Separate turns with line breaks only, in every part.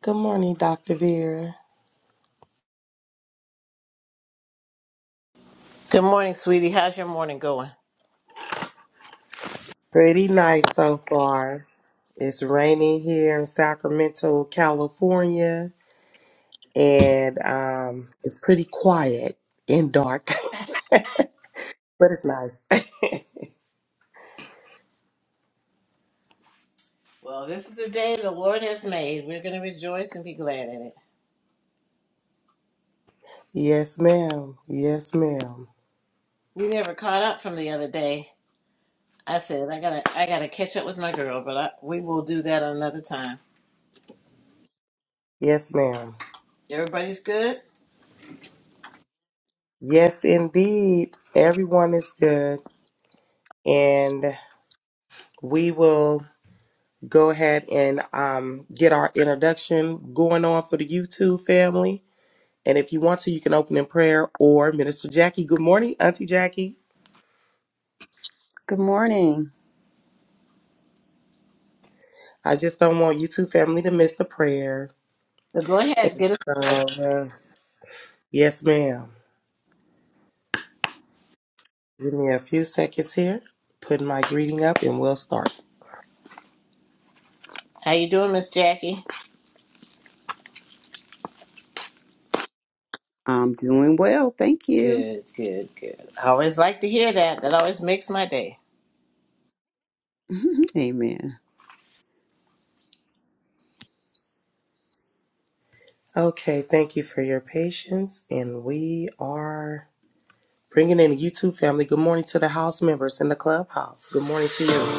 Good morning, Dr. Vera.
Good morning, sweetie. How's your morning going?
Pretty nice so far. It's raining here in Sacramento, California, and um, it's pretty quiet and dark, but it's nice.
Well, this is the day the Lord has made. We're going to rejoice and be glad in it.
Yes, ma'am. Yes, ma'am.
We never caught up from the other day. I said I gotta, I gotta catch up with my girl, but I, we will do that another time.
Yes, ma'am.
Everybody's good.
Yes, indeed. Everyone is good. And we will go ahead and um, get our introduction going on for the YouTube family. And if you want to, you can open in prayer or Minister Jackie. Good morning, Auntie Jackie.
Good morning.
I just don't want you two family to miss the prayer.
So go ahead,
And
get us.
so, uh, yes, ma'am. Give me a few seconds here. Put my greeting up and we'll start.
How you doing, Miss Jackie?
I'm doing well, thank you.
Good, good, good. I always like to hear that. That always makes my day.
Amen.
Okay, thank you for your patience. And we are bringing in the YouTube family. Good morning to the house members in the clubhouse. Good morning to you.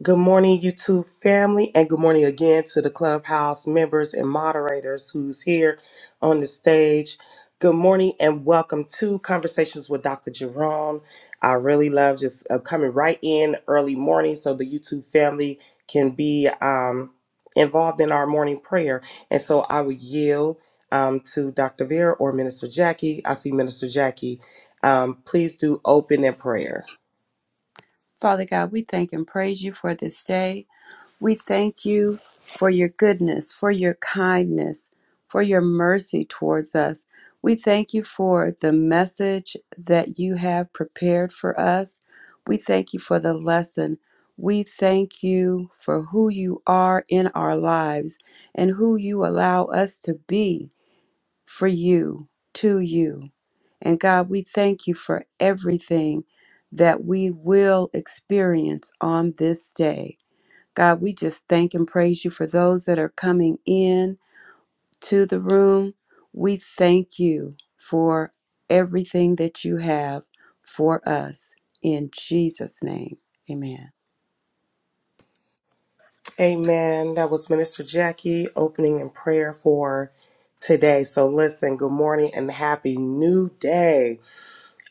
Good morning, YouTube family, and good morning again to the clubhouse members and moderators who's here on the stage. Good morning and welcome to Conversations with Dr. Jerome. I really love just uh, coming right in early morning so the YouTube family can be um, involved in our morning prayer. And so I would yield um, to Dr. Vera or Minister Jackie. I see Minister Jackie. Um, please do open in prayer.
Father God, we thank and praise you for this day. We thank you for your goodness, for your kindness, for your mercy towards us. We thank you for the message that you have prepared for us. We thank you for the lesson. We thank you for who you are in our lives and who you allow us to be. for you, to you. And God, we thank you for everything that we will experience on this day. God, we just thank and praise you for those that are coming in to the room. We thank you for everything that you have for us. In Jesus' name, amen.
Amen. That was Minister Jackie opening in prayer for today. So listen, good morning and happy new day.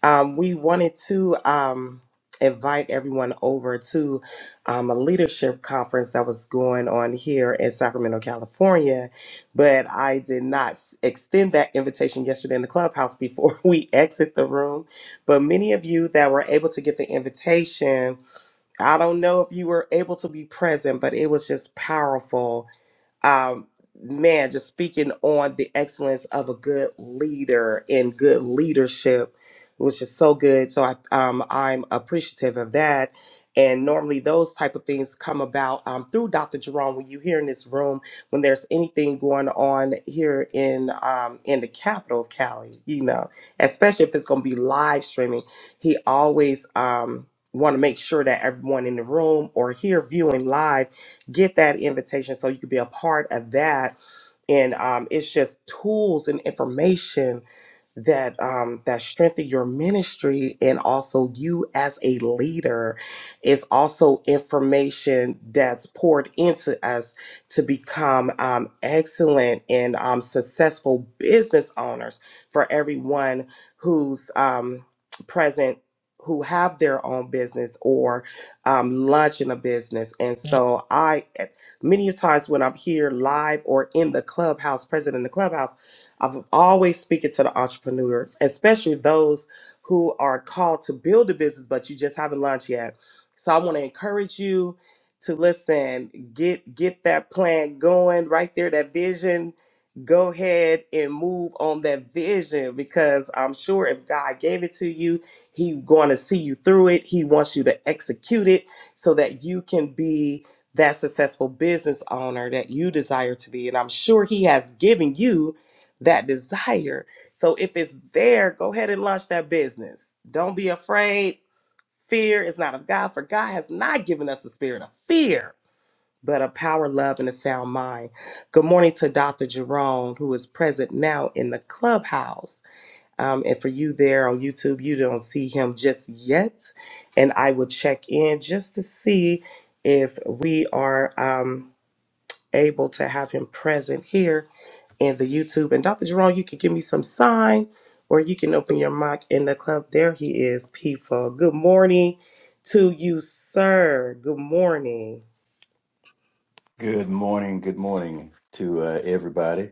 Um, we wanted to um, invite everyone over to um, a leadership conference that was going on here in Sacramento, California, but I did not s- extend that invitation yesterday in the clubhouse before we exit the room. But many of you that were able to get the invitation, I don't know if you were able to be present, but it was just powerful um, man, just speaking on the excellence of a good leader and good leadership was just so good. So I, um, I'm appreciative of that. And normally those type of things come about um, through Dr. Jerome. When you hear in this room, when there's anything going on here in um, in the capital of Cali, you know, especially if it's going to be live streaming, he always um, want to make sure that everyone in the room or here viewing live get that invitation so you can be a part of that. And um, it's just tools and information that um, that strengthen your ministry and also you as a leader is also information that's poured into us to become um, excellent and um, successful business owners for everyone who's um, present who have their own business or um, launching a business and so i many times when i'm here live or in the clubhouse present in the clubhouse I'm always speaking to the entrepreneurs, especially those who are called to build a business, but you just haven't launched yet. So I want to encourage you to listen, get get that plan going right there, that vision. Go ahead and move on that vision because I'm sure if God gave it to you, He going to see you through it. He wants you to execute it so that you can be that successful business owner that you desire to be. And I'm sure He has given you that desire. So if it's there, go ahead and launch that business. Don't be afraid. Fear is not of God, for God has not given us the spirit of fear, but of power, love, and a sound mind. Good morning to Dr. Jerome, who is present now in the clubhouse. Um, and for you there on YouTube, you don't see him just yet. And I will check in just to see if we are um, able to have him present here and the YouTube. And Dr. Jerome, you can give me some sign or you can open your mic in the club. There he is, people. Good morning to you, sir. Good morning.
Good morning. Good morning to uh, everybody.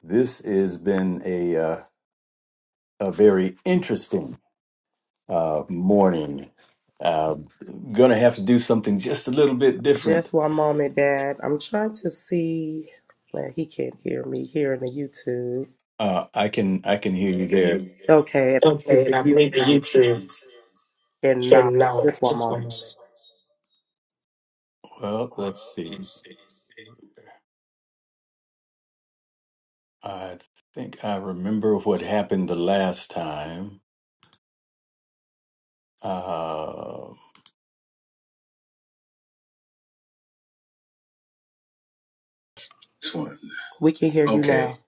This has been a uh, a very interesting uh, morning. Uh, gonna have to do something just a little bit different.
Just one moment, Dad. I'm trying to see. Well, he can't hear me here in the YouTube.
Uh, I can I can hear you there.
Okay, and I
Okay,
believe
I
the
believe the
YouTube
YouTube
cannot.
can now
Just one
just one
moment.
moment. Well, let's see. I think I remember what happened the last time. Uh,
This one. We can hear you Okay. now.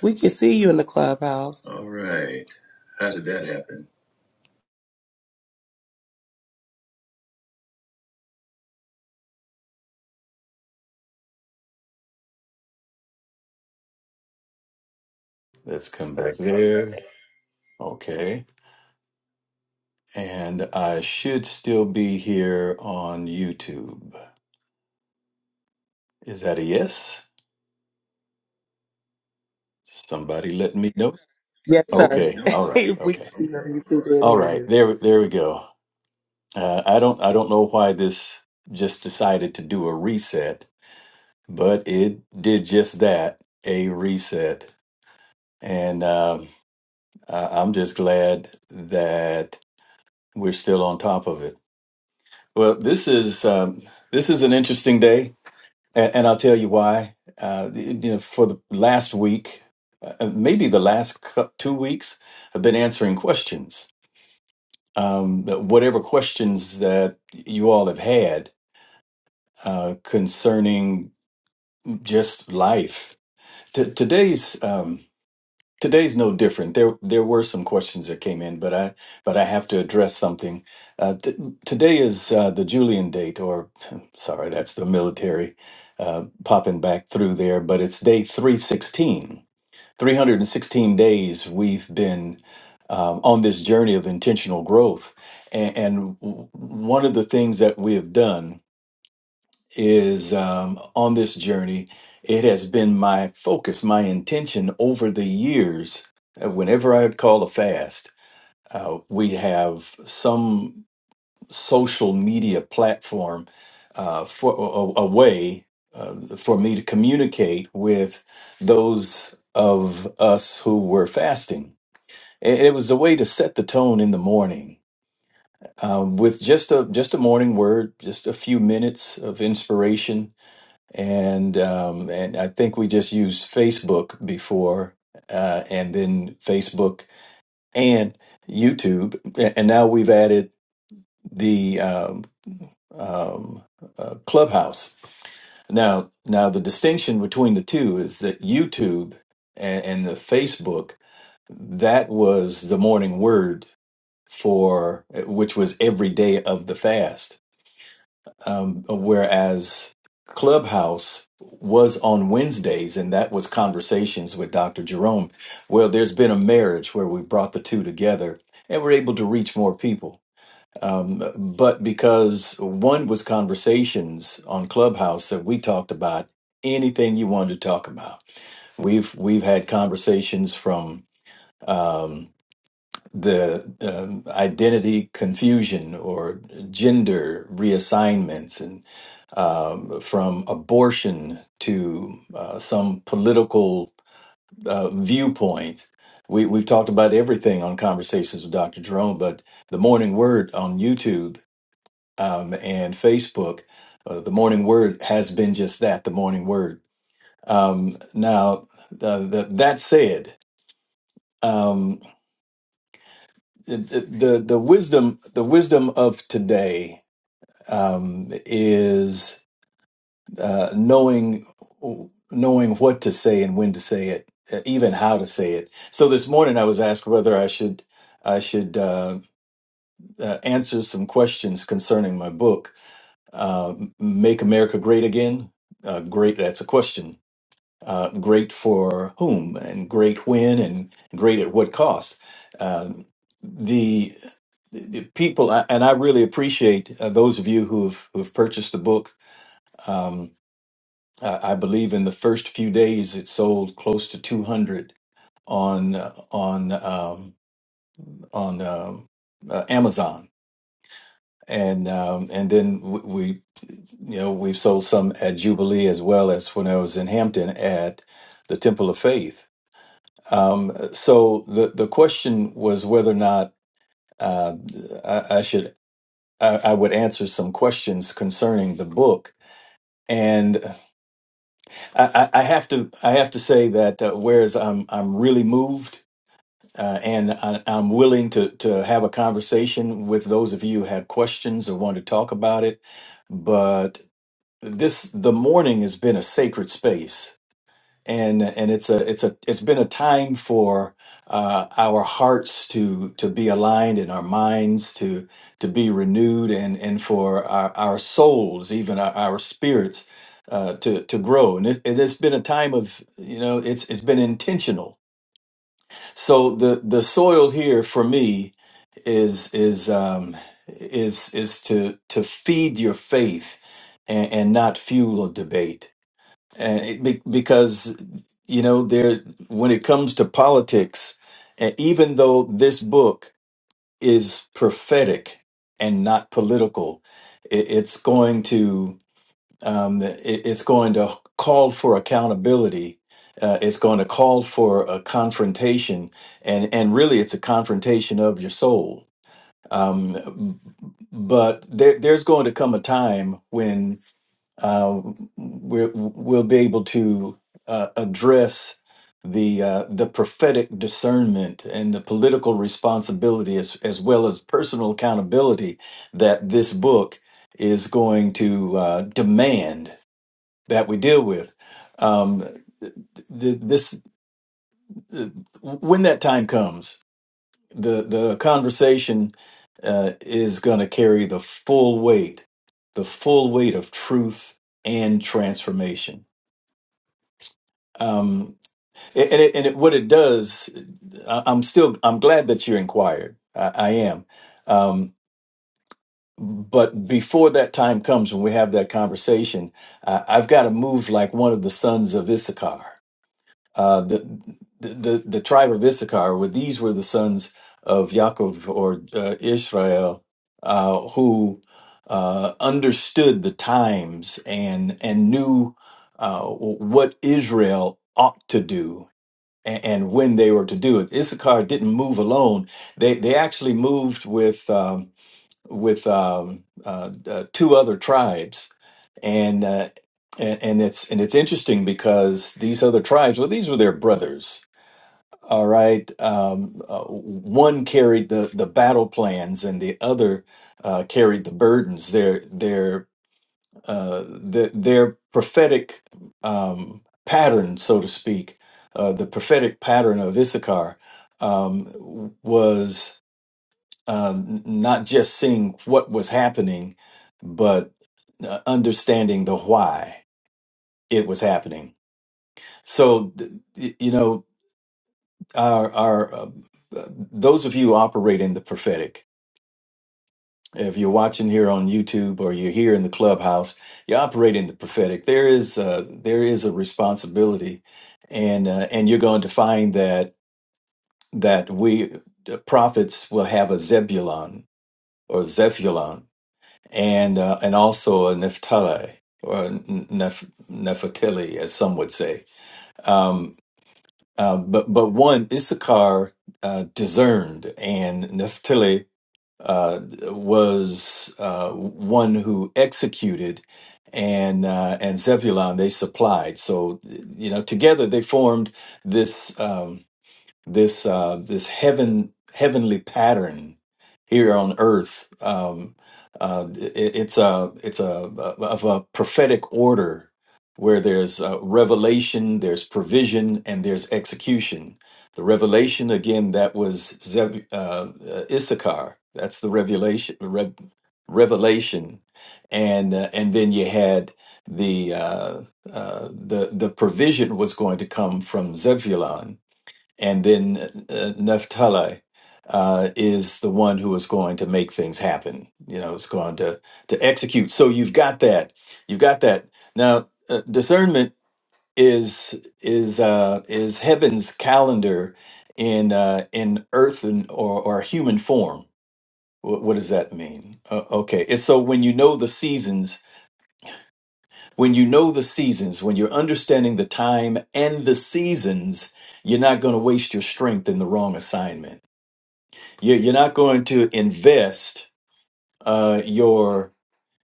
We can see you in the clubhouse. All right. How did that happen?
let's come back there. Okay. and I should still be here on YouTube. Is that a yes? Somebody let me know.
Yes, sir.
Okay,
No.
all right,
we
okay,
can see you on YouTube and
all
hear
right.
you.
There, there we go. Uh, I don't, I don't know why this just decided to do a reset, but it did just that, a reset. And um, I, I'm just glad that we're still on top of it. Well, this is um, this is an interesting day. And, and I'll tell you why. Uh, you know, for the last week, uh, maybe the last cou- two weeks, I've been answering questions. Um, whatever questions that you all have had uh, concerning just life. T- today's um, Today's no different. There there were some questions that came in, but I but I have to address something. Uh, t- today is uh, the Julian date, or sorry, that's the military uh, popping back through there, but it's day 316. 316 days we've been um, on this journey of intentional growth. And, and w- one of the things that we have done is um, on this journey. It has been my focus, my intention over the years. uh, Whenever I would call a fast, uh, we have some social media platform uh, for a, a way uh, for me to communicate with those of us who were fasting. And it was a way to set the tone in the morning um, with just a just a morning word, just a few minutes of inspiration and um, and I think we just used Facebook before, uh, and then Facebook and YouTube, a- and now we've added the um, um, uh, Clubhouse. Now, now the distinction between the two is that YouTube and, and the Facebook that was the morning word for which was every day of the fast Um, whereas Clubhouse was on Wednesdays, and that was conversations with Dr. Jerome. Well, there's been a marriage where we brought the two together and we're able to reach more people. Um, but because one was conversations on Clubhouse that we talked about anything you wanted to talk about. We've we've had conversations from um, the um, identity confusion or gender reassignments and um, from abortion to uh, some political uh, viewpoints. We, we've talked about everything on Conversations with Dr. Jerome, but the Morning Word on YouTube um, and Facebook, uh, the Morning Word has been just that, the Morning Word. Um, now, uh, the, that said, um, the the the wisdom the wisdom of today um, is uh, knowing knowing what to say and when to say it, uh, even how to say it. So this morning I was asked whether I should I should uh, uh, answer some questions concerning my book, uh, "Make America Great Again." Uh, great, that's a question uh, great for whom and great when and great at what cost. Um, the, the the people, I- and I really appreciate uh, those of you who've who've purchased the book. Um, I, I believe in the first few days it sold close to 200 on uh, on um, on um, uh, Amazon, and um, and then we, we you know we've sold some at Jubilee as well as when I was in Hampton at the Temple of Faith Um, so the the question was whether or not uh, I, I should I, I would answer some questions concerning the book, and I, I I have to I have to say that uh, whereas I'm I'm really moved. Uh, and I, I'm willing to to have a conversation with those of you who have questions or want to talk about it. But this the morning has been a sacred space and and it's a it's a it's been a time for uh, our hearts to to be aligned and our minds to to be renewed and and for our, our souls even our, our spirits uh, to to grow and it, it has been a time of you know it's it's been intentional so the the soil here for me is is um is is to to feed your faith and, and not fuel a debate and it, be- because you know there when it comes to politics and even though this book is prophetic and not political it, it's going to um, it, it's going to call for accountability uh, it's going to call for a confrontation and and really it's a confrontation of your soul um, but there, there's going to come a time uh, we're, we'll be able to uh, address the uh, the prophetic discernment and the political responsibility, as as well as personal accountability, that this book is going to uh, demand that we deal with. Um, th- th- this th- when that time comes, the the conversation uh, is going to carry the full weight, the full weight of truth and transformation. um and and it, and it, what it does I, i'm still i'm glad that you inquired i, I am um but before that time comes when we have that conversation I, i've got to move like one of the sons of issachar uh the the, the, the tribe of issachar where these were the sons of Yaakov or uh, israel uh who uh understood the times and and knew uh what israel ought to do and, and when they were to do it. Issachar didn't move alone. They they actually moved with um, with um, uh, uh, two other tribes, and, uh, and and it's and it's interesting because these other tribes, well, these were their brothers. All right, um, uh, one carried the the battle plans, and the other uh, carried the burdens. Their their uh, the, their prophetic um, pattern, so to speak, uh, the prophetic pattern of Issachar um, was um, not just seeing what was happening, but uh, understanding the why it was happening. So, th- you know, our, our uh, uh, those of you who operate in the prophetic, If you're watching here on YouTube or you're here in the clubhouse, you're operating the prophetic. There is a, there is a responsibility, and uh, and you're going to find that that we the prophets will have a Zebulon or Zephulon, and uh, and also a Naphtali or Neph- Nephtali, as some would say. Um, uh, but but one Issachar uh, discerned, and Naphtali uh, was uh, one who executed, and uh, and Zebulon they supplied. So you know, together they formed this. Um, this uh, this heaven heavenly pattern here on earth. Um, uh, it, it's a it's a of a prophetic order where there's uh, revelation, there's provision, and there's execution. The revelation again that was Zeb, uh, uh, Issachar. That's the revelation. Rev, revelation, and uh, and then you had the uh, uh, the the provision was going to come from Zebulon and then uh, Naphtali uh, is the one who is going to make things happen. You know, is going to to execute. So you've got that. You've got that. Now uh, discernment is is uh, is heaven's calendar in uh, in earthen or or human form. What, what does that mean? Uh, okay, it's so when you know the seasons, when you know the seasons, when you're understanding the time and the seasons, you're not going to waste your strength in the wrong assignment You're, you're not going to invest uh, your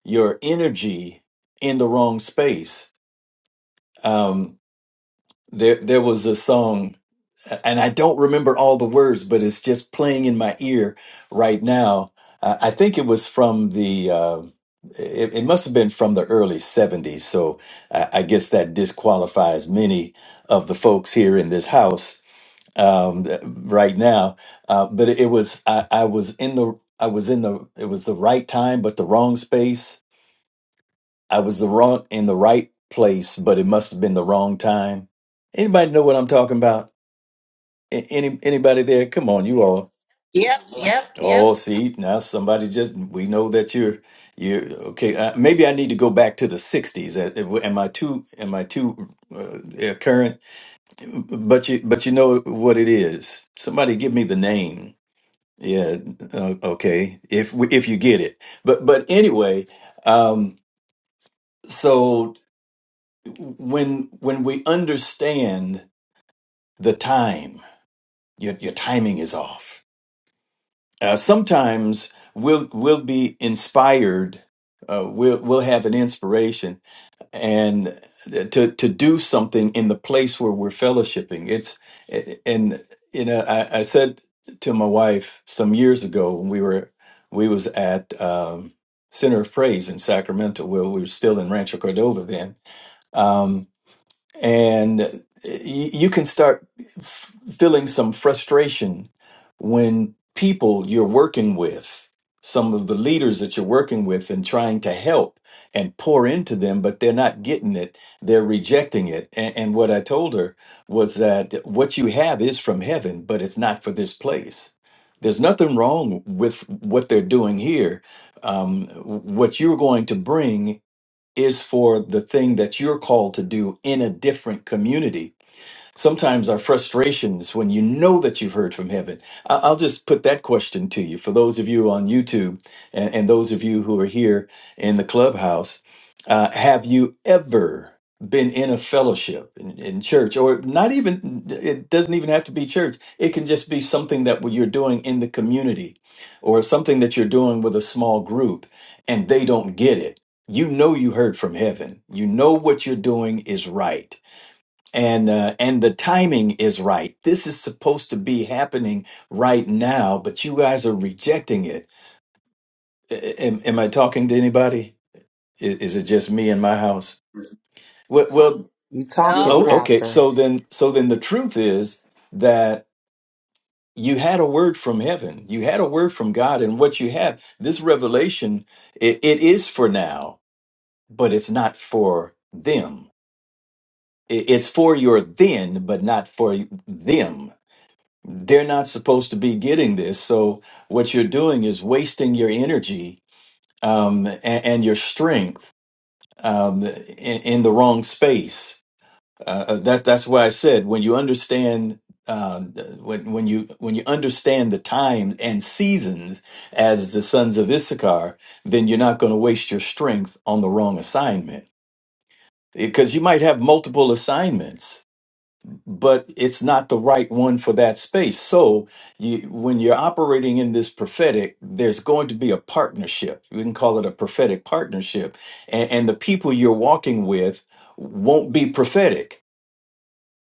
your energy in the wrong space. Um, there there was a song, and I don't remember all the words, but it's just playing in my ear right now. Uh, I think it was from the. Uh, it, it must have been from the early 70s. So I, I guess that disqualifies many of the folks here in this house um th- right now uh but it was I, I was in the i was in the it was the right time but the wrong space i was the wrong in the right place but it must have been the wrong time anybody know what i'm talking about A- any anybody there come on you all
Yep, yep,
oh
yep.
see now somebody just we know that you're you're okay uh, maybe i need to go back to the 60s Uh, am i too am i too uh, uh, current but you but you know what it is somebody give me the name Yeah, uh, okay. If we- if you get it. But but anyway, um so when when we understand the time, your your timing is off. Uh, sometimes we'll we'll be inspired uh, we'll we'll have an inspiration and to to do something in the place where we're fellowshipping. It's and you know I, I said to my wife some years ago when we were we was at um, Center of Praise in Sacramento, where we were still in Rancho Cordova then. Um, and uh, y- you can start f- feeling some frustration when people you're working with some of the leaders that you're working with and trying to help and pour into them but they're not getting it they're rejecting it and, and what i told her was that what you have is from heaven but it's not for this place there's nothing wrong with what they're doing here um, what you're going to bring is for the thing that you're called to do in a different community Sometimes our frustrations when you know that you've heard from heaven. I- I'll just put that question to you for those of you on YouTube and, and those of you who are here in the clubhouse. Uh, have you ever been in a fellowship in, in church or not even, it doesn't even have to be church. It can just be something that you're doing in the community or something that you're doing with a small group and they don't get it. You know you heard from heaven. You know what you're doing is right and uh, and the timing is right. This is supposed to be happening right now, but you guys are rejecting it. A- Am, am I talking to anybody? Is, is it just me and my house? Well, well,
You Well, talking,
No,
well,
oh, okay.
Pastor.
So then, so then, the truth is that you had a word from heaven. You had a word from God, and what you have, this revelation, it, it is for now, but it's not for them. It- It's for your then, but not for them they're not supposed to be getting this. So what you're doing is wasting your energy um, and, and your strength um, in, in the wrong space. Uh, uh, that that's why I said when you understand um, when when you when you understand the time and seasons as the sons of Issachar, then you're not going to waste your strength on the wrong assignment because you might have multiple assignments but it's not the right one for that space. So you, when you're operating in this prophetic, there's going to be a partnership. We can call it a prophetic partnership, and, and the people you're walking with won't be prophetic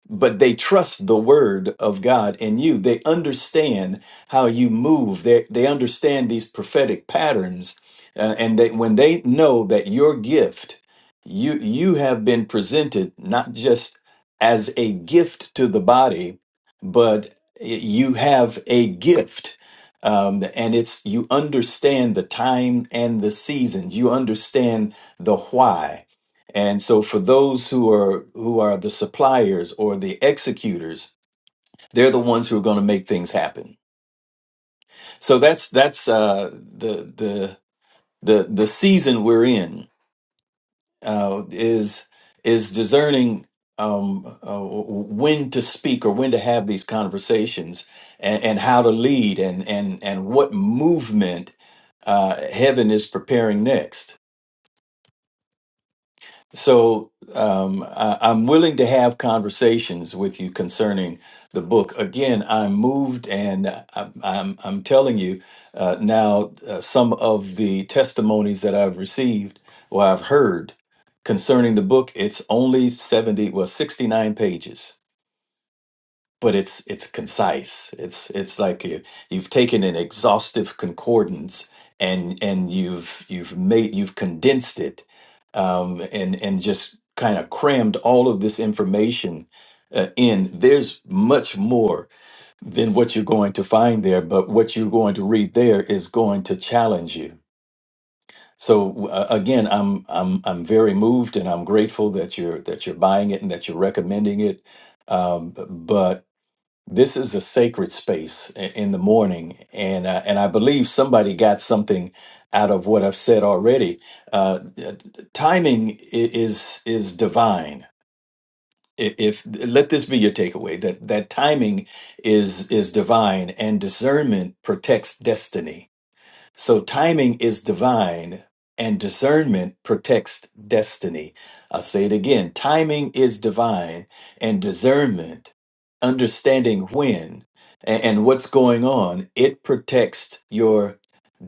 but they trust the word of God in you. They understand how you move. They they understand these prophetic patterns, uh, and they when they know that your gift, you you have been presented not just as a gift to the body, but you have a gift. Um, and it's you understand the time and the season. You understand the why and so for those who are who are the suppliers or the executors, they're the ones who are going to make things happen. So that's that's uh, the the the the season we're in uh, is is discerning um, uh, when to speak or when to have these conversations and, and how to lead and and and what movement uh, heaven is preparing next. So um, I, I'm willing to have conversations with you concerning the book. Again, I'm moved, and I'm I'm, I'm telling you uh, now uh, some of the testimonies that I've received or I've heard concerning the book. It's only 70, well, 69 pages but it's it's concise. It's it's like you, you've taken an exhaustive concordance and and you've you've made you've condensed it um, and and just kind of crammed all of this information uh, in. There's much more than what you're going to find there, but what you're going to read there is going to challenge you. So uh, again, I'm I'm I'm very moved and I'm grateful that you're that you're buying it and that you're recommending it. Um, but this is a sacred space i- in the morning and uh, and I believe somebody got something out of what I've said already uh, t- timing i- is is divine I- if let this be your takeaway that that timing is is divine and discernment protects destiny so timing is divine and discernment protects destiny. I'll say it again. Timing is divine and discernment, understanding when a- and, what's going on, it protects your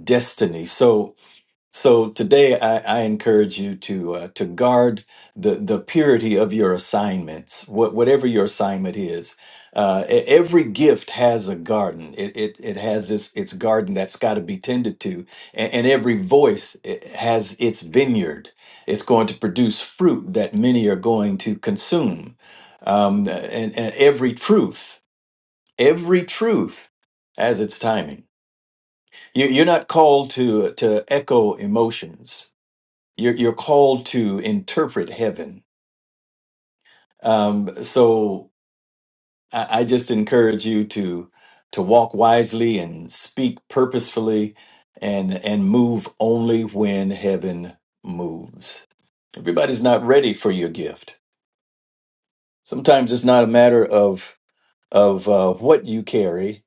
destiny. So so today, I, I encourage you to uh, to guard the the purity of your assignments, what, whatever your assignment is. Uh, e- every gift has a garden. It it, it has this its garden that's got to be tended to, and, and every voice it has its vineyard. It's going to produce fruit that many are going to consume, um, and, and every truth, every truth has its timing. You, you're not called to to echo emotions you're you're called to interpret heaven. Um, so I, I just encourage you to to walk wisely and speak purposefully and and move only when heaven moves. Everybody's not ready for your gift. Sometimes it's not a matter of of uh, what you carry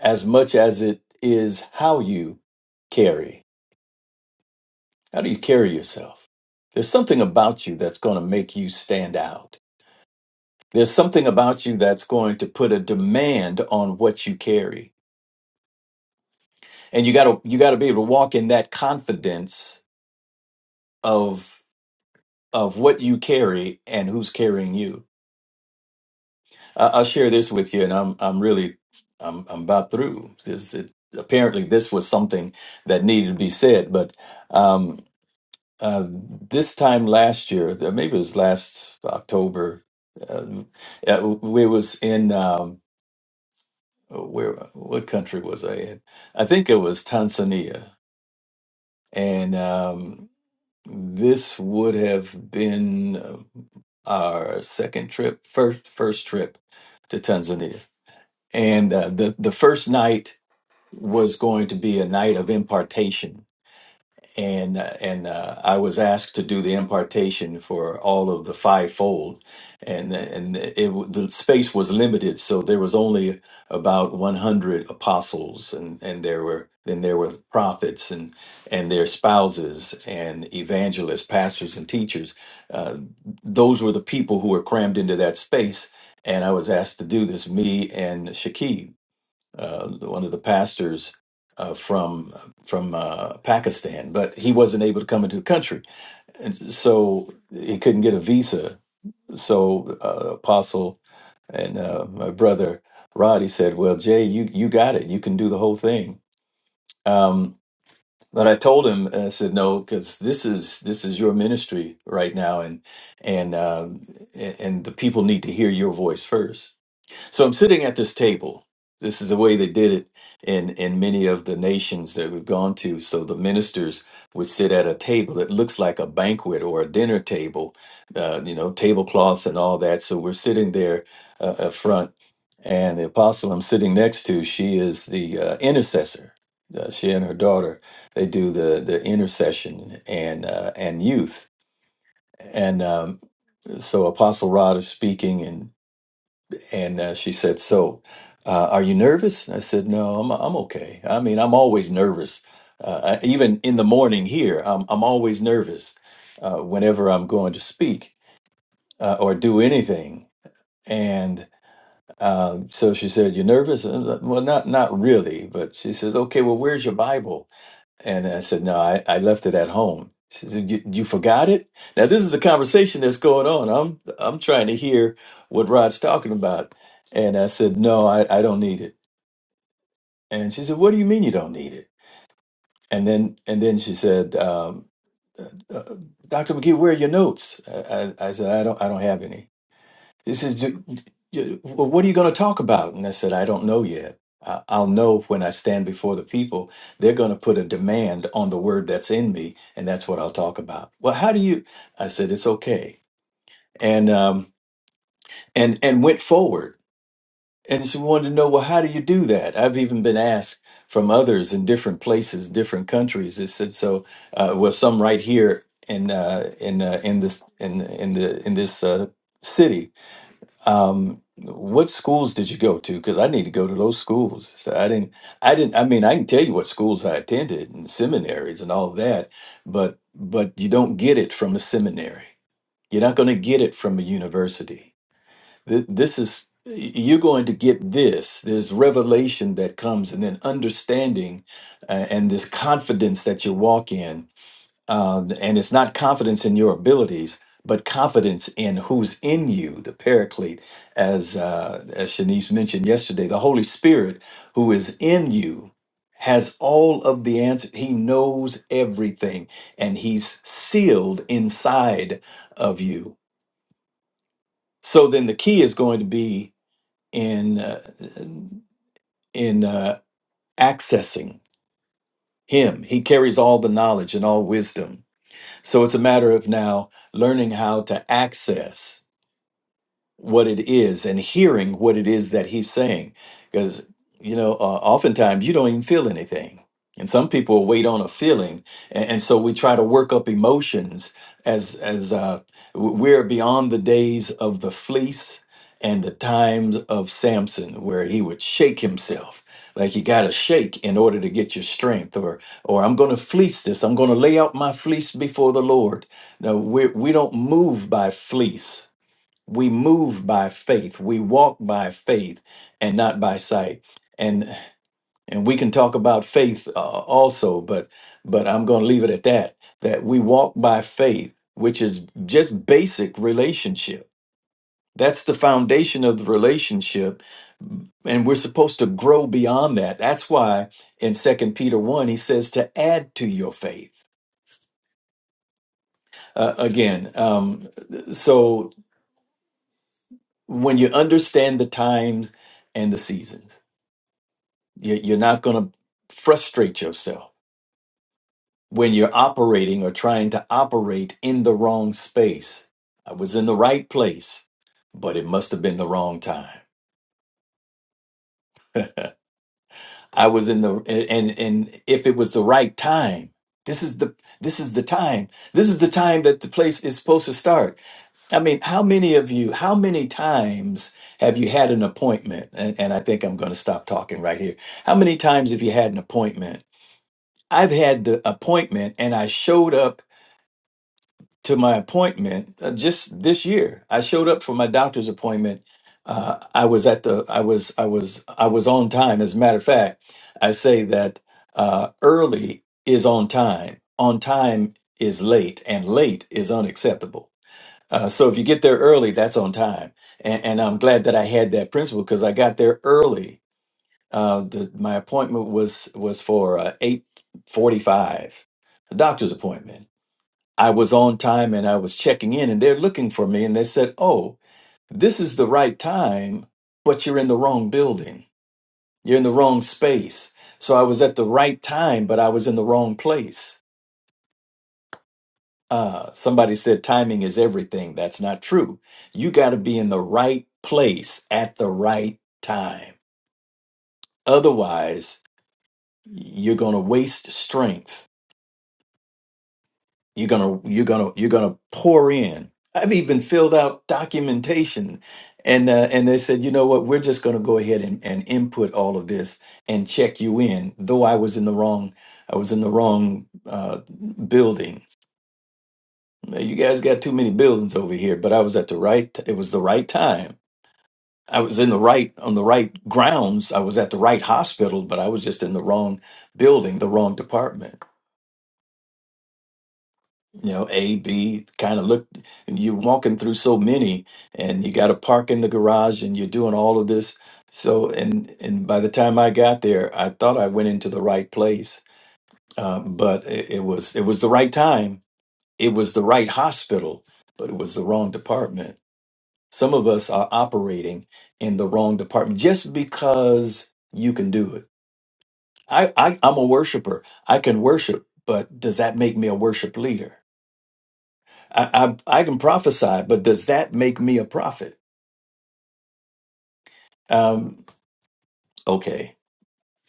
as much as it is how you carry. How do you carry yourself? There's something about you that's going to make you stand out there's something about you that's going to put a demand on what you carry and you got to you got to be able to walk in that confidence of of what you carry and who's carrying you I, i'll share this with you and i'm i'm really i'm, I'm about through This it, apparently this was something that needed to be said but um uh, this time last year maybe it was last october uh, uh, we was in Um, uh, where what country was I in? I think it was Tanzania, and um, this would have been uh, our second trip, first first trip to Tanzania, and uh, the the first night was going to be a night of impartation and uh, and uh, I was asked to do the impartation for all of the fivefold, and and it w- the space was limited, so there was only about 100 apostles, and and there were then there were prophets and and their spouses and evangelists, pastors and teachers. Uh, those were the people who were crammed into that space, and I was asked to do this. Me and Shakib uh, one of the pastors uh, from from uh, Pakistan, but he wasn't able to come into the country, and so he couldn't get a visa. So uh, Apostle and uh, my brother Rod, he said, "Well, Jay, you you got it. You can do the whole thing." Um, but I told him, and I said, "No, because this is this is your ministry right now, and and um, and and the people need to hear your voice first." So I'm sitting at this table. This is the way they did it in in many of the nations that we've gone to. So the ministers would sit at a table that looks like a banquet or a dinner table, uh, you know, tablecloths and all that. So we're sitting there uh, up front, and the apostle I'm sitting next to, she is the uh, intercessor. Uh, she and her daughter, they do the the intercession and uh, and youth. And um, so Apostle Rod is speaking, and. And uh, she said, "So, uh, are you nervous?" And I said, "No, I'm I'm okay. I mean, I'm always nervous. Uh, I, even in the morning here, I'm I'm always nervous uh, whenever I'm going to speak uh, or do anything." And uh, so she said, "You're nervous?" And I was like, well, not not really, but she says, "Okay, well, where's your Bible?" And I said, no, I, I left it at home. She said, you, you forgot it? Now, this is a conversation that's going on. I'm, I'm trying to hear what Rod's talking about. And I said, no, I, I don't need it. And she said, what do you mean you don't need it? And then, and then she said, um, uh, uh, Dr. McGee, where are your notes? I, I, I said, I don't, I don't have any. He says, "Do- you- well, What are you going to talk about? And I said, I don't know yet. I- I'll know when I stand before the people. They're going to put a demand on the word that's in me, and that's what I'll talk about. Well, how do you? I said, it's okay. And, um, and, and went forward. And she wanted to know, well, how do you do that? I've even been asked from others in different places, different countries. They said, so, uh, well, some right here in, uh, in, uh, in this, in, in the, in this, uh, city um, what schools did you go to? Because I need to go to those schools. So I didn't, I didn't, I mean, I can tell you what schools I attended and seminaries and all that, but but you don't get it from a seminary. You're not going to get it from a university. Th- This is you're going to get this. There's revelation that comes, and then understanding, uh, and this confidence that you walk in um, and it's not confidence in your abilities, but confidence in who's in you, the Paraclete, as uh, as Shanice mentioned yesterday, the Holy Spirit who is in you has all of the answer. He knows everything, and He's sealed inside of you. So then, the key is going to be in uh, in uh, accessing Him. He carries all the knowledge and all wisdom So it's a matter of now learning how to access what it is and hearing what it is that he's saying. Because, you know, uh, oftentimes you don't even feel anything. And some people wait on a feeling. And, and so we try to work up emotions as, as uh, w- we're beyond the days of the fleece and the times of Samson, where he would shake himself. Like you got to shake in order to get your strength, or or I'm going to fleece this. I'm going to lay out my fleece before the Lord. No, we we don't move by fleece we move by faith. We walk by faith and not by sight. And and we can talk about faith uh, also, but but I'm going to leave it at that. That we walk by faith, which is just basic relationship. That's the foundation of the relationship, and we're supposed to grow beyond that. That's why in Second Peter one he says to add to your faith. Uh, again, um, so when you understand the times and the seasons. You- You're not going to frustrate yourself when you're operating or trying to operate in the wrong space. I was in the right place, but it must have been the wrong time. I was in the and and if it was the right time, this is the this is the time. This is the time that the place is supposed to start. I mean, how many of you, how many times have you had an appointment? And, and I think I'm going to stop talking right here. How many times have you had an appointment I've had the appointment and I showed up to my appointment uh, just this year. I showed up for my doctor's appointment. Uh, I was at the, I was, I was, I was on time. As a matter of fact, I say that uh, early is on time, on time is late, and late is unacceptable. Uh, so if you get there early, that's on time. And, and I'm glad that I had that principle because I got there early uh, the, my appointment was was for uh, eight forty five, a doctor's appointment. I was on time and I was checking in, and they're looking for me, and they said, "Oh, this is the right time, but you're in the wrong building. You're in the wrong space." So I was at the right time, but I was in the wrong place. Uh, somebody said timing is everything. That's not true. You got to be in the right place at the right time. Otherwise, you're going to waste strength You're gonna you're gonna you're gonna pour in. I've even filled out documentation, and uh, and they said, you know what, we're just gonna go ahead and, and input all of this and check you in. Though I was in the wrong, I was in the wrong uh, building. "Hey, You guys got too many buildings over here, but I was at the right. It was the right time. I was in the right on the right grounds. I was at the right hospital, but I was just in the wrong building, the wrong department. you know a b kind of look and you're walking through so many and you got to park in the garage and you're doing all of this so and and by the time i got there i thought i went into the right place uh, but it, it was it was the right time it was the right hospital but it was the wrong department some of us are operating in the wrong department just because you can do it i, I i'm a worshiper i can worship but does that make me a worship leader I, I I can prophesy, but does that make me a prophet? Um, okay.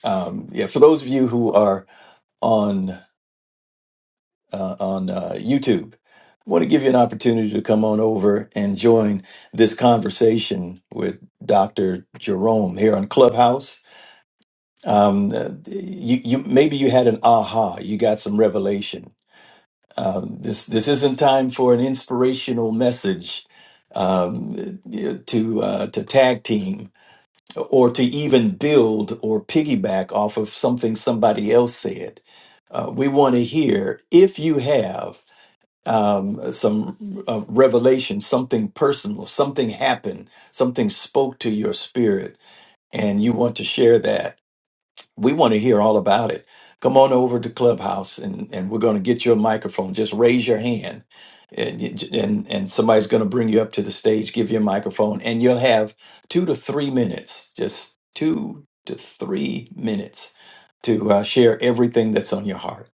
Um, yeah. For those of you who are on uh, on uh, YouTube, I want to give you an opportunity to come on over and join this conversation with Dr. Jerome here on Clubhouse. Um, uh, you, you maybe you had an aha, you got some revelation. Um, this this isn't time for an inspirational message um, to uh, to tag team or to even build or piggyback off of something somebody else said. Uh, we want to hear if you have um, some uh, revelation, something personal, something happened, something spoke to your spirit, and you want to share that we want to hear all about it. Come on over to Clubhouse and, and we're going to get you a microphone. Just raise your hand and, you and, and somebody's going to bring you up to the stage, give you a microphone, and you'll have two to three minutes, just two to three minutes to uh, share everything that's on your heart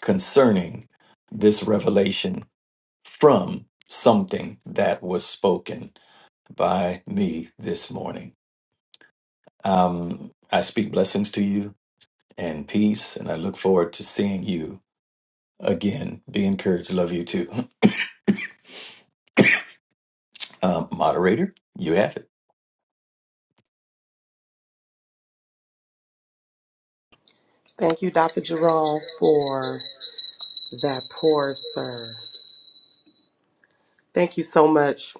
concerning this revelation from something that was spoken by me this morning. Um, I speak blessings to you and peace. And I look forward to seeing you again. Be encouraged. Love you too. Um, moderator, you have it.
Thank you, Dr. Jerome, for that poor sir. Thank you so much.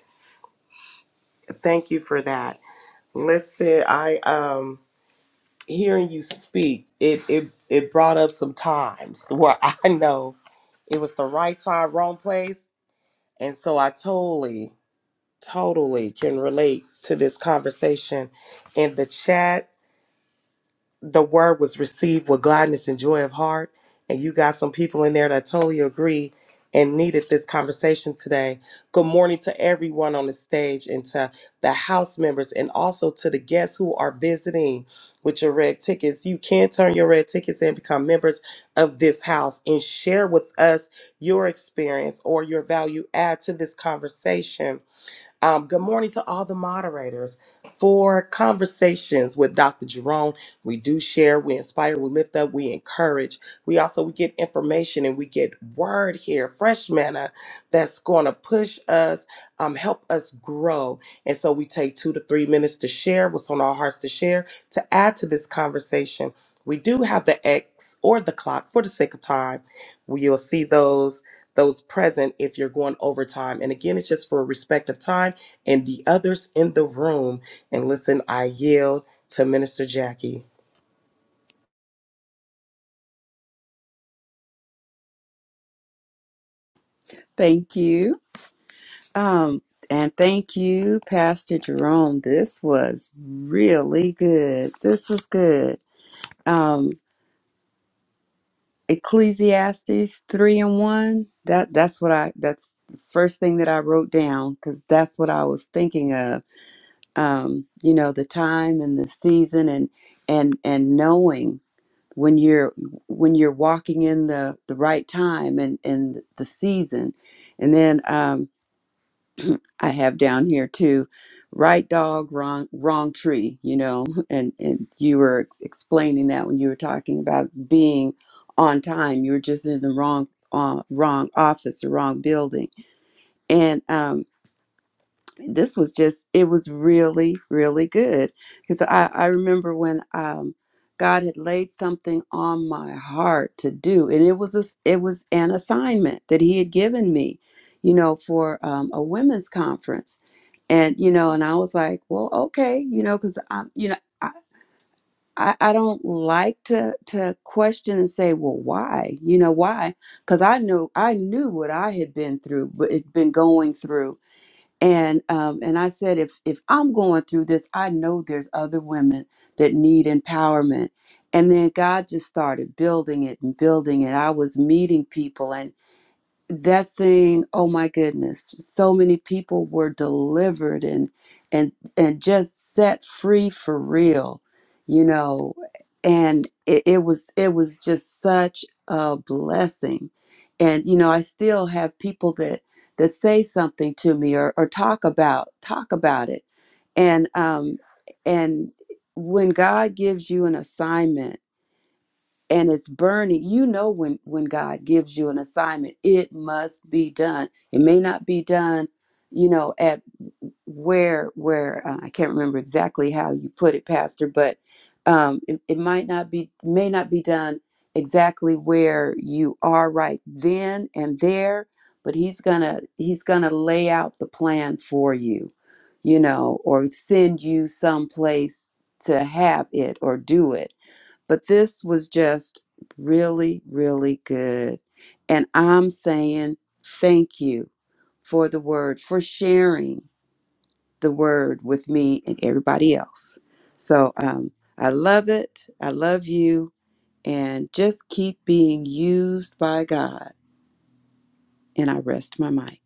Thank you for that. Listen, I um hearing you speak, it it it brought up some times where I know it was the right time, wrong place. And so I totally, totally can relate to this conversation in the chat the word was received with gladness and joy of heart. And you got some people in there that totally agree and needed this conversation today. Good morning to everyone on the stage and to the house members and also to the guests who are visiting with your red tickets. You can turn your red tickets and become members of this house and share with us your experience or your value add to this conversation um, good morning to all the moderators. For conversations with Dr. Jerome, we do share, we inspire, we lift up, we encourage. We also we get information and we get word here, fresh manna that's going to push us, um, help us grow. And so we take two to three minutes to share what's on our hearts to share to add to this conversation. We do have the X or the clock for the sake of time. You'll see those those present if you're going overtime. And again, it's just for respect of time and the others in the room. And listen, I yield to Minister Jackie.
Thank you. Um, and thank you, Pastor Jerome. This was really good. This was good. um Ecclesiastes 3 and 1 that that's what I that's the first thing that I wrote down cuz that's what I was thinking of um you know the time and the season and and and knowing when you're when you're walking in the the right time and and the season and then um I have down here too. Right dog, wrong wrong tree. You know, and and you were ex- explaining that when you were talking about being on time, you were just in the wrong uh, wrong office, the wrong building, and um, this was just it was really really good because I, I remember when um, god had laid something on my heart to do and it was a it was an assignment that he had given me you know for um, a women's conference and you know and i was like well okay you know because i'm you know I, I I don't like to to question and say, well, why? You know why? Because I knew I knew what I had been through, what had been going through, and um, and I said, if if I'm going through this, I know there's other women that need empowerment. And then God just started building it and building it. I was meeting people, and that thing oh my goodness so many people were delivered and and and just set free for real you know and it, it was it was just such a blessing and you know i still have people that that say something to me or, or talk about talk about it and um and when god gives you an assignment and it's burning you know when when god gives you an assignment it must be done it may not be done you know at where where uh, i can't remember exactly how you put it pastor but um it, it might not be may not be done exactly where you are right then and there but he's gonna he's gonna lay out the plan for you you know or send you someplace to have it or do it but this was just really, really good. And I'm saying thank you for the word, for sharing the word with me and everybody else. So um, I love it. I love you. And just keep being used by God. And I rest my mic.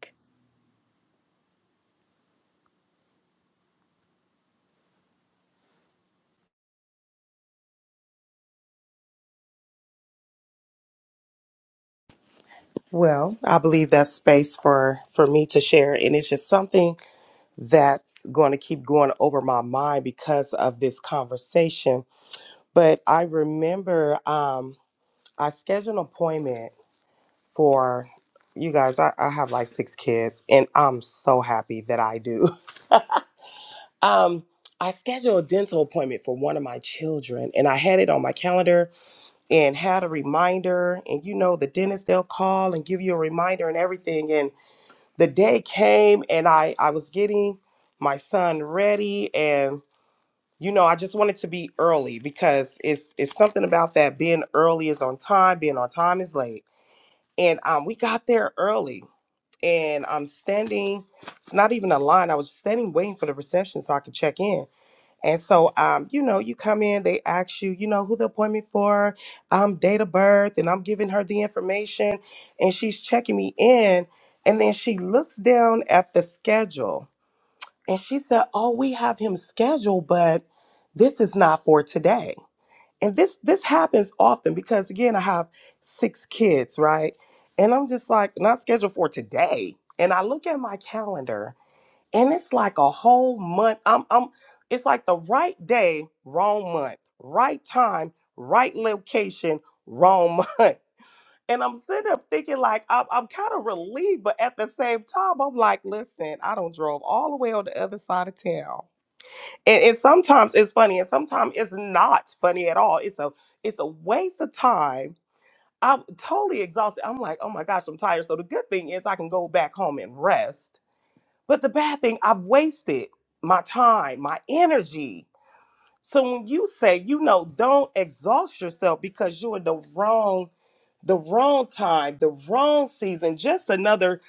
Well, I believe that's space for for me to share, and it's just something that's going to keep going over my mind because of this conversation. But I remember um, I scheduled an appointment for you guys. I, I have like six kids, and I'm so happy that I do Um, I scheduled a dental appointment for one of my children, and I had it on my calendar and had a reminder. And you know, the dentist they'll call and give you a reminder and everything. And the day came, and I I was getting my son ready, and you know, I just wanted to be early because it's it's something about that being early is on time, being on time is late. And um, we got there early, and I'm standing. It's not even a line. I was standing waiting for the reception so I could check in and so, um, you know, you come in, they ask you, you know, who the appointment for, um, date of birth, and I'm giving her the information, and she's checking me in, and then she looks down at the schedule, and she said, "Oh, we have him scheduled, but this is not for today." And this this happens often because again, I have six kids, right? And I'm just like, not scheduled for today. And I look at my calendar and it's like a whole month. I'm, I'm, it's like the right day, wrong month, right time, right location, wrong month. And I'm sitting there thinking, like, I'm, I'm kind of relieved, but at the same time, I'm like, listen, I don't drove all the way on the other side of town. And, and sometimes it's funny, and sometimes it's not funny at all. It's a, it's a waste of time. I'm totally exhausted. I'm like, oh my gosh, I'm tired. So the good thing is I can go back home and rest but the bad thing, I've wasted my time, my energy. So when you say, you know, don't exhaust yourself because you're in the wrong, the wrong time, the wrong season, just another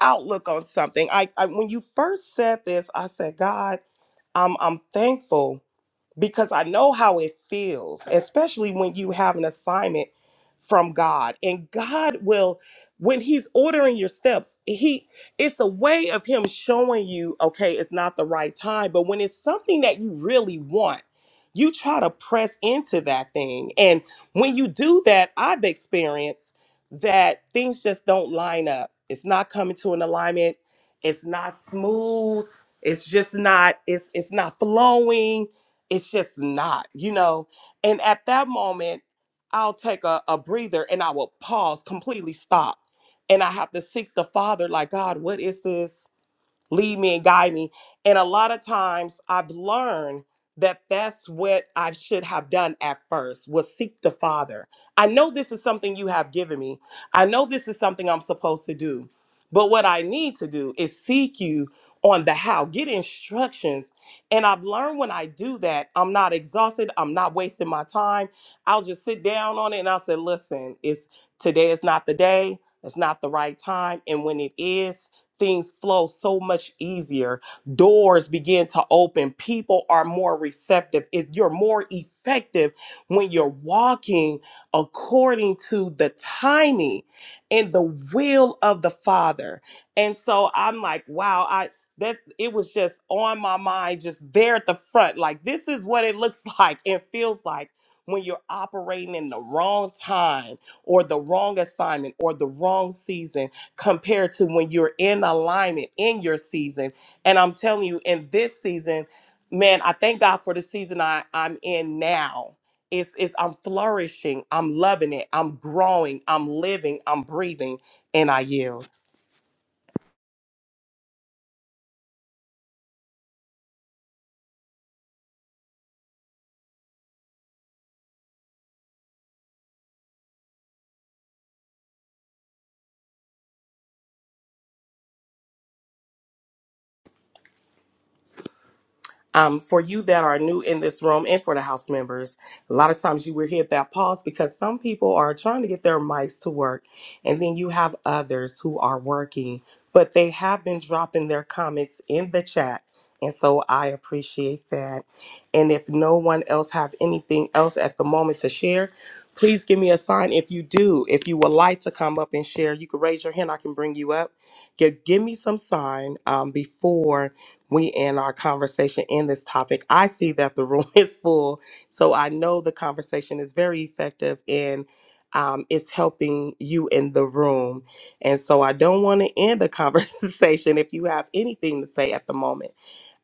outlook on something. I, I when you first said this, I said, God, I'm I'm thankful because I know how it feels, especially when you have an assignment from God. And God will, when He's ordering your steps, He it's a way of Him showing you, okay, it's not the right time. But when it's something that you really want, you try to press into that thing. And when you do that, I've experienced that things just don't line up. It's not coming to an alignment. It's not smooth. It's just not, it's it's not flowing it's just not, you know. And at that moment, I'll take a, a breather and I will pause, completely stop. And I have to seek the Father, like, God, what is this? lead me and guide me. And a lot of times I've learned that that's what I should have done at first was seek the Father. I know this is something you have given me. I know this is something I'm supposed to do. But what I need to do is seek you on the how, get instructions. And I've learned when I do that, I'm not exhausted. I'm not wasting my time. I'll just sit down on it and I'll say, listen, it's today is not the day. It's not the right time. And when it is, things flow so much easier. Doors begin to open. People are more receptive. It, you're more effective when you're walking according to the timing and the will of the Father. And so I'm like, wow, I that it was just on my mind, just there at the front. Like, this is what it looks like and feels like when you're operating in the wrong time or the wrong assignment or the wrong season compared to when you're in alignment in your season. And I'm telling you, in this season, man, I thank God for the season I, I'm in now. It's, it's I'm flourishing, I'm loving it, I'm growing, I'm living, I'm breathing, and I yield. um, for you that are new in this room and for the house members, a lot of times you will hit that pause because some people are trying to get their mics to work, and then you have others who are working, but they have been dropping their comments in the chat. And so I appreciate that. And if no one else have anything else at the moment to share, please give me a sign if you do. If you would like to come up and share, you can raise your hand. I can bring you up. Gi- Give me some sign um, before we end our conversation in this topic. I see that the room is full, so I know the conversation is very effective and um, it's helping you in the room. And so I don't want to end the conversation if you have anything to say at the moment.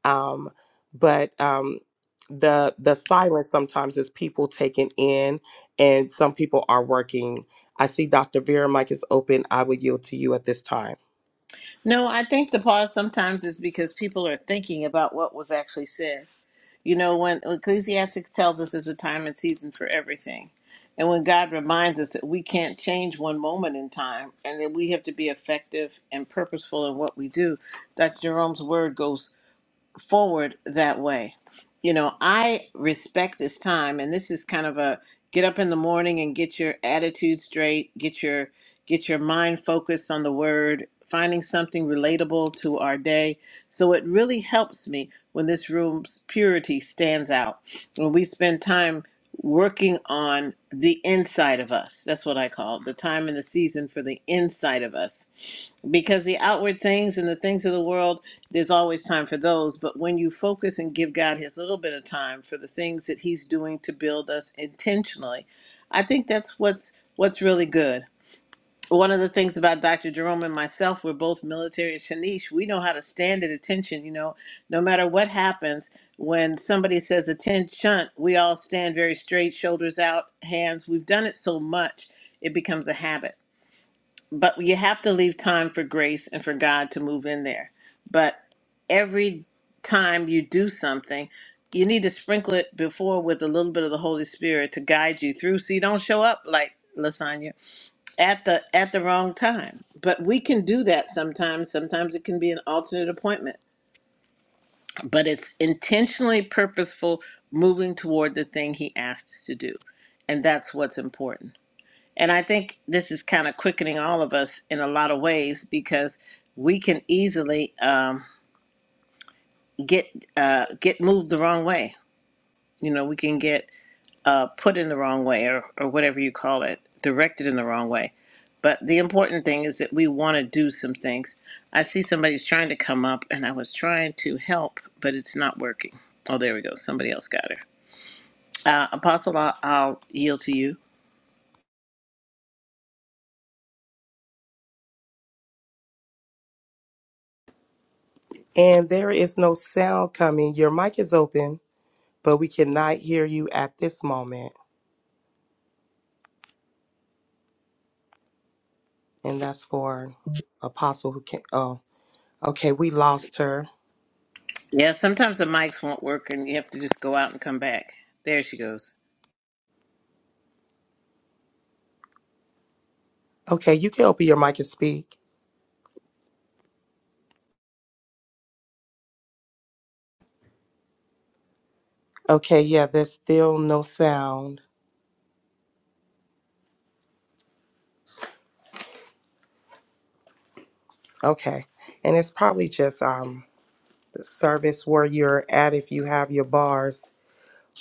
Um, but um, the the silence sometimes is people taking in, and some people are working. I see Dr. Vera mic is open. I will yield to you at this time.
no. I think the pause sometimes is because people are thinking about what was actually said. You know, when Ecclesiastes tells us there's a time and season for everything. And when God reminds us that we can't change one moment in time and that we have to be effective and purposeful in what we do, Dr. Jerome's word goes forward that way. You know, I respect this time, and this is kind of a get up in the morning and get your attitude straight, get your get your mind focused on the word, finding something relatable to our day. So it really helps me when this room's purity stands out. When we spend time working on the inside of us. That's what I call it, the time and the season for the inside of us because the outward things and the things of the world there's always time for those but when you focus and give god his little bit of time for the things that he's doing to build us intentionally i think that's what's what's really good one of the things about dr jerome and myself we're both military and shanish we know how to stand at attention you know no matter what happens when somebody says attention we all stand very straight shoulders out hands we've done it so much it becomes a habit but you have to leave time for grace and for God to move in there. But every time you do something, you need to sprinkle it before with a little bit of the Holy Spirit to guide you through so you don't show up like lasagna at the at the wrong time. But we can do that sometimes. Sometimes it can be an alternate appointment. But it's intentionally purposeful moving toward the thing he asked us to do. And that's what's important. And I think this is kind of quickening all of us in a lot of ways because we can easily um, get uh, get moved the wrong way. You know, we can get uh, put in the wrong way or, or whatever you call it, directed in the wrong way. But the important thing is that we want to do some things. I see somebody's trying to come up, and I was trying to help, but it's not working. Oh, there we go. Somebody else got her. Uh, Apostle, I'll, I'll yield to you.
And there is no sound coming. Your mic is open. but we cannot hear you at this moment. And that's for Apostle who can. Oh, okay, we lost her.
Yeah, sometimes the mics won't work and you have to just go out and come back. There she goes.
Okay, you can open your mic and speak. Okay, yeah, there's still no sound. Okay, and it's probably just um the service where you're at if you have your bars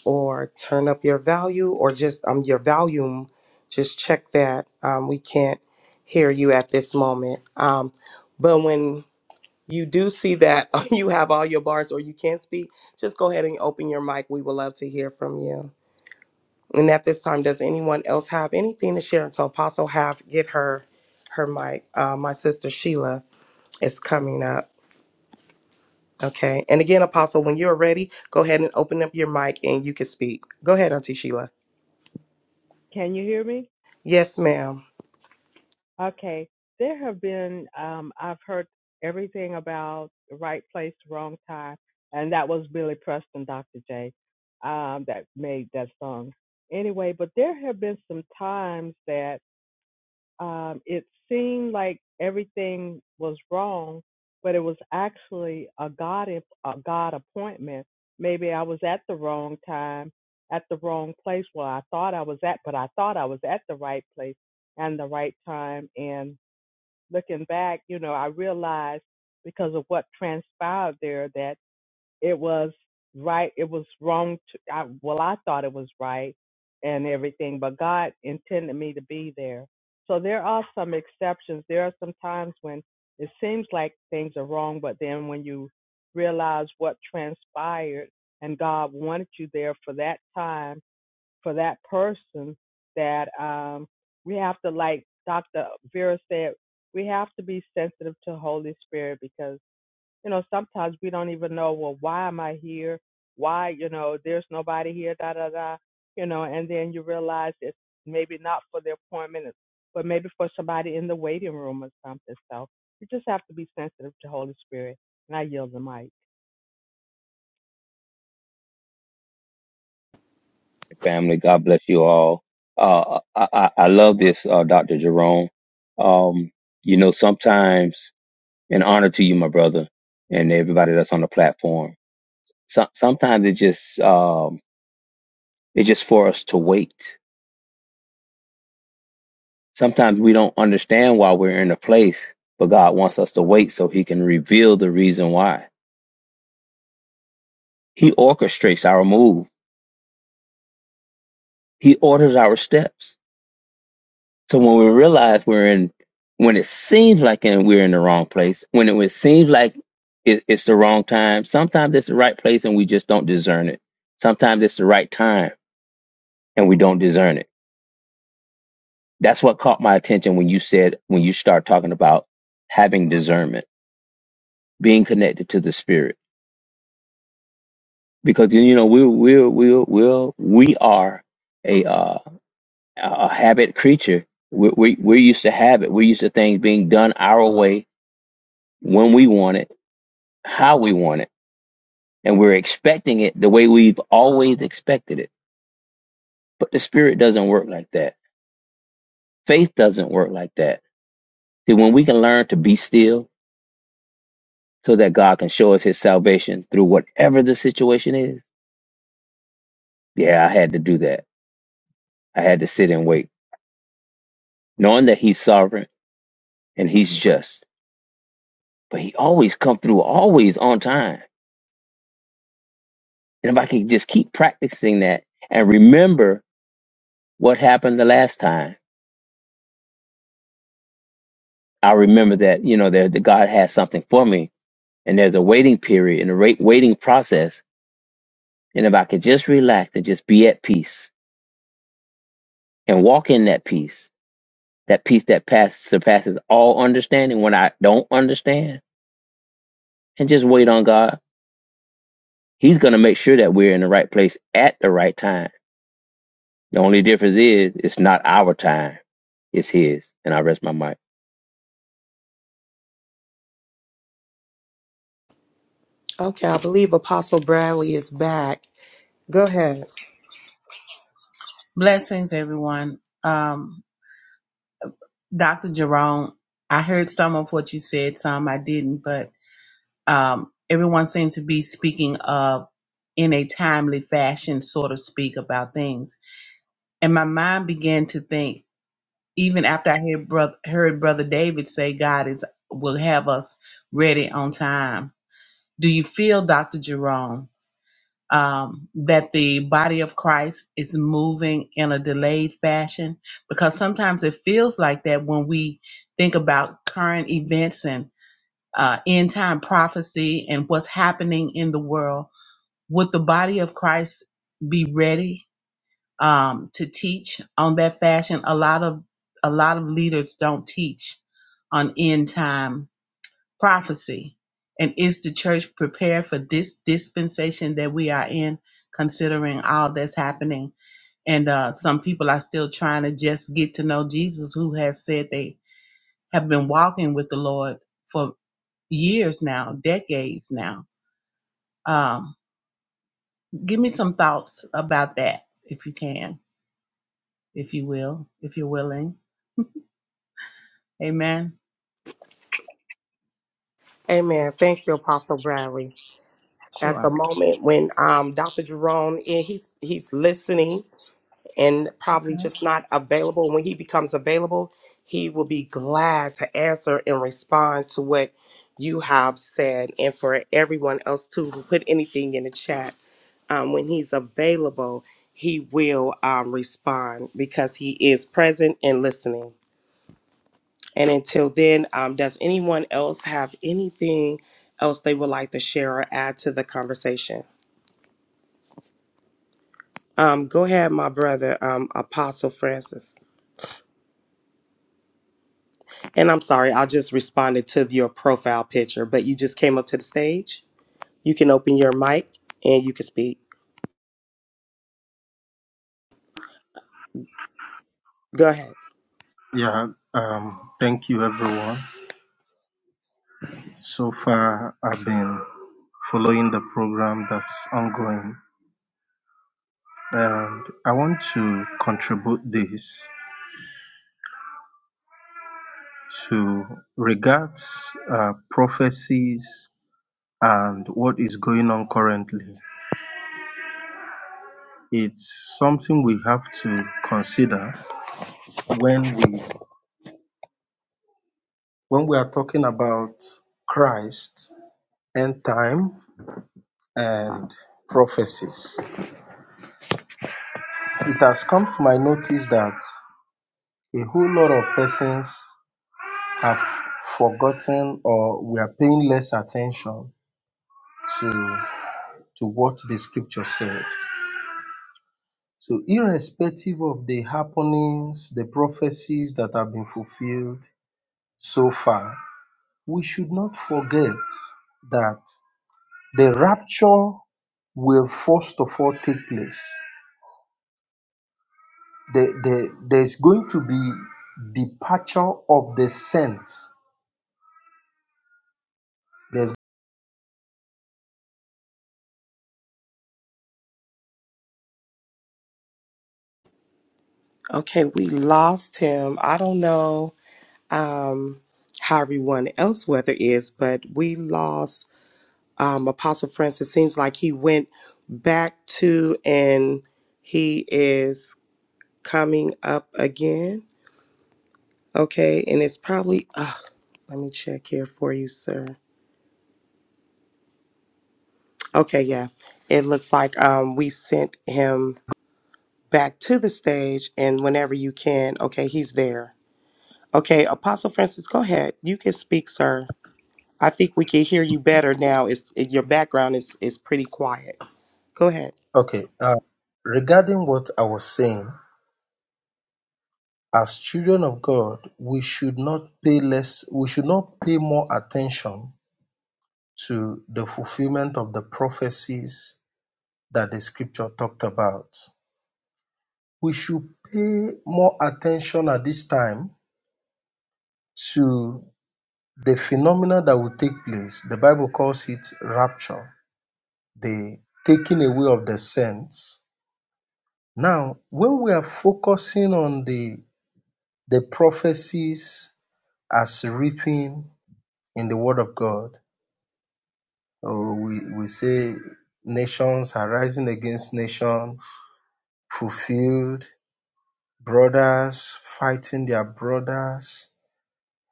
or turn up your value or just um your volume. Just check that. Um, we can't hear you at this moment. Um, but when you do see that you have all your bars or you can't speak, just go ahead and open your mic. We would love to hear from you. And at this time, does anyone else have anything to share until Apostle have get her her mic? Uh, my sister Sheila is coming up. Okay. And again, Apostle, when you're ready, go ahead and open up your mic and you can speak. Go ahead, Auntie Sheila.
Can you hear me?
Yes, ma'am.
Okay. There have been, um, I've heard everything about the right place, wrong time, and that was Billy Preston, Dr. J, um, that made that song. Anyway, but there have been some times that um, it seemed like everything was wrong, but it was actually a God a God appointment. Maybe I was at the wrong time, at the wrong place where I thought I was at, but I thought I was at the right place and the right time. And looking back, you know, I realized because of what transpired there that it was right it was wrong to, I, well i thought it was right and everything but god intended me to be there so there are some exceptions there are some times when it seems like things are wrong but then when you realize what transpired and god wanted you there for that time for that person that um we have to like dr vera said we have to be sensitive to holy spirit because you know, sometimes we don't even know, well, why am I here? Why, you know, there's nobody here, da da da, you know, and then you realize it's maybe not for the appointment, it's- but maybe for somebody in the waiting room or something. So you just have to be sensitive to Holy Spirit. And I yield the mic.
family. God bless you all. Uh, I, I, I love this, uh, Dr. Jerome. Um, you know, sometimes in honor to you, my brother, and everybody that's on the platform, so, sometimes it just, um, it's just for us to wait. Sometimes we don't understand why we're in a place, but God wants us to wait so he can reveal the reason why. He orchestrates our move. He orders our steps So when we realize we're in, when it seems like and we're in the wrong place, when it, it seems like it, it's the wrong time, sometimes it's the right place and we just don't discern it. Sometimes it's the right time and we don't discern it. That's what caught my attention when you said, when you start talking about having discernment, being connected to the spirit, because you know, we, we, we, we, we are a, uh, a habit creature. We, we, we're used to habit. We're used to things being done our way when we want it how we want it, and we're expecting it the way we've always expected it. But the spirit doesn't work like that. Faith doesn't work like that. See, when we can learn to be still so that God can show us his salvation through whatever the situation is, yeah, I had to do that. I had to sit and wait, knowing that he's sovereign and he's just. But he always come through, always on time. And if I can just keep practicing that and remember what happened the last time, I remember that, you know, that, that God has something for me and there's a waiting period and a rate waiting process. And if I could just relax and just be at peace and walk in that peace, that peace that pass, surpasses all understanding when I don't understand and just wait on God, He's going to make sure that we're in the right place at the right time. The only difference is it's not our time, it's His. And I rest my mic.
Okay, I believe Apostle Bradley is back. Go ahead.
Blessings, everyone. Um, Dr. Jerome, I heard some of what you said, some I didn't, but um, everyone seems to be speaking of in a timely fashion, so to speak, about things. And my mind began to think, even after I heard brother, heard brother David say, God is will have us ready on time. Do you feel, Dr. Jerome? um, that the body of Christ is moving in a delayed fashion because sometimes it feels like that when we think about current events and uh, end time prophecy and what's happening in the world. Would the body of Christ be ready um, to teach on that fashion? A lot of a lot of leaders don't teach on end time prophecy. And is the church prepared for this dispensation that we are in, considering all that's happening? And uh, some people are still trying to just get to know Jesus, who has said they have been walking with the Lord for years now, decades now. Um, give me some thoughts about that, if you can, if you will, if you're willing. Amen.
Amen. Thank you, Apostle Bradley. at the
Sure.
moment when um, Dr. Jerome eh, he's he's listening and probably
Okay.
just not available. When he becomes available, he will be glad to answer and respond to what you have said, and for everyone else too who put anything in the chat. Um, when he's available, he will um, respond because he is present and listening. And until then, um, does anyone else have anything else they would like to share or add to the conversation? Um, go ahead, my brother, um, Apostle Francis. And I'm sorry, I just responded to your profile picture, but you just came up to the stage. You can open your mic and you can speak. Go ahead.
Yeah, um, thank you everyone. So far, I've been following the program that's ongoing, and I want to contribute this to regards uh, prophecies and what is going on currently. It's something we have to consider when we when we are talking about Christ, end time, and prophecies. It has come to my notice that a whole lot of persons have forgotten or we are paying less attention to, to what the scripture said. So, irrespective of the happenings, the prophecies that have been fulfilled so far, we should not forget that the rapture will first of all take place. The, the, there's going to be departure of the saints. There's
Okay, we lost him. I don't know um, how everyone else weather is, but we lost um, Apostle Francis. Seems like he went back to and he is coming up again. Okay, and it's probably uh let me check here for you, sir. Okay, yeah. It looks like um we sent him back to the stage and whenever you can, okay, he's there. Okay, Apostle Francis, go ahead. You can speak, sir. I think we can hear you better now. It's it, your background is is pretty quiet. Go ahead.
Okay. Uh, regarding what I was saying, as children of God, we should not pay less, we should not pay more attention to the fulfillment of the prophecies that the scripture talked about. We should pay more attention at this time to the phenomena that will take place. The Bible calls it rapture, the taking away of the saints. Now, when we are focusing on the the prophecies as written in the Word of God. Oh, we, we say nations are rising against nations, fulfilled, brothers fighting their brothers.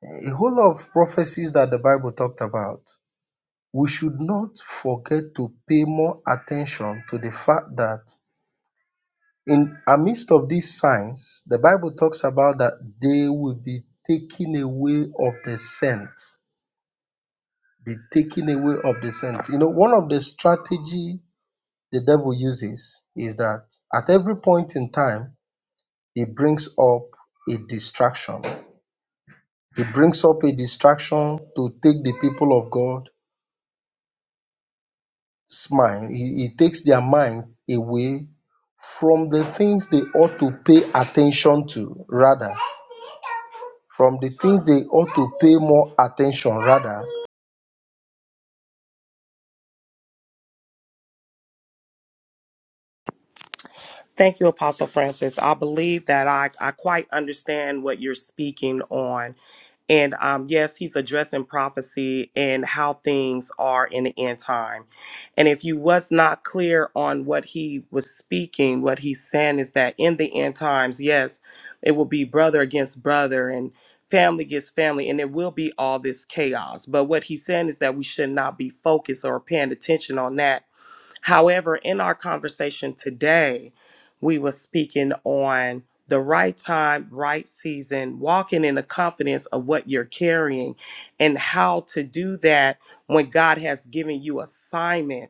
A whole lot of prophecies that the Bible talked about. We should not forget to pay more attention to the fact that in amidst of these signs, the Bible talks about that they will be taken away of the scent the taking away of the scent. You know, one of the strategy the devil uses is that at every point in time, he brings up a distraction. He brings up a distraction to take the people of God's mind. He, he takes their mind away from the things they ought to pay attention to, rather, from the things they ought to pay more attention, rather,
Thank you, Apostle Francis. I believe that I, I quite understand what you're speaking on. And um, yes, he's addressing prophecy and how things are in the end time. And if you was not clear on what he was speaking, what he's saying is that in the end times, yes, it will be brother against brother and family against family, and there will be all this chaos. But what he's saying is that we should not be focused or paying attention on that However, in our conversation today, we were speaking on the right time, right season, walking in the confidence of what you're carrying and how to do that when God has given you assignment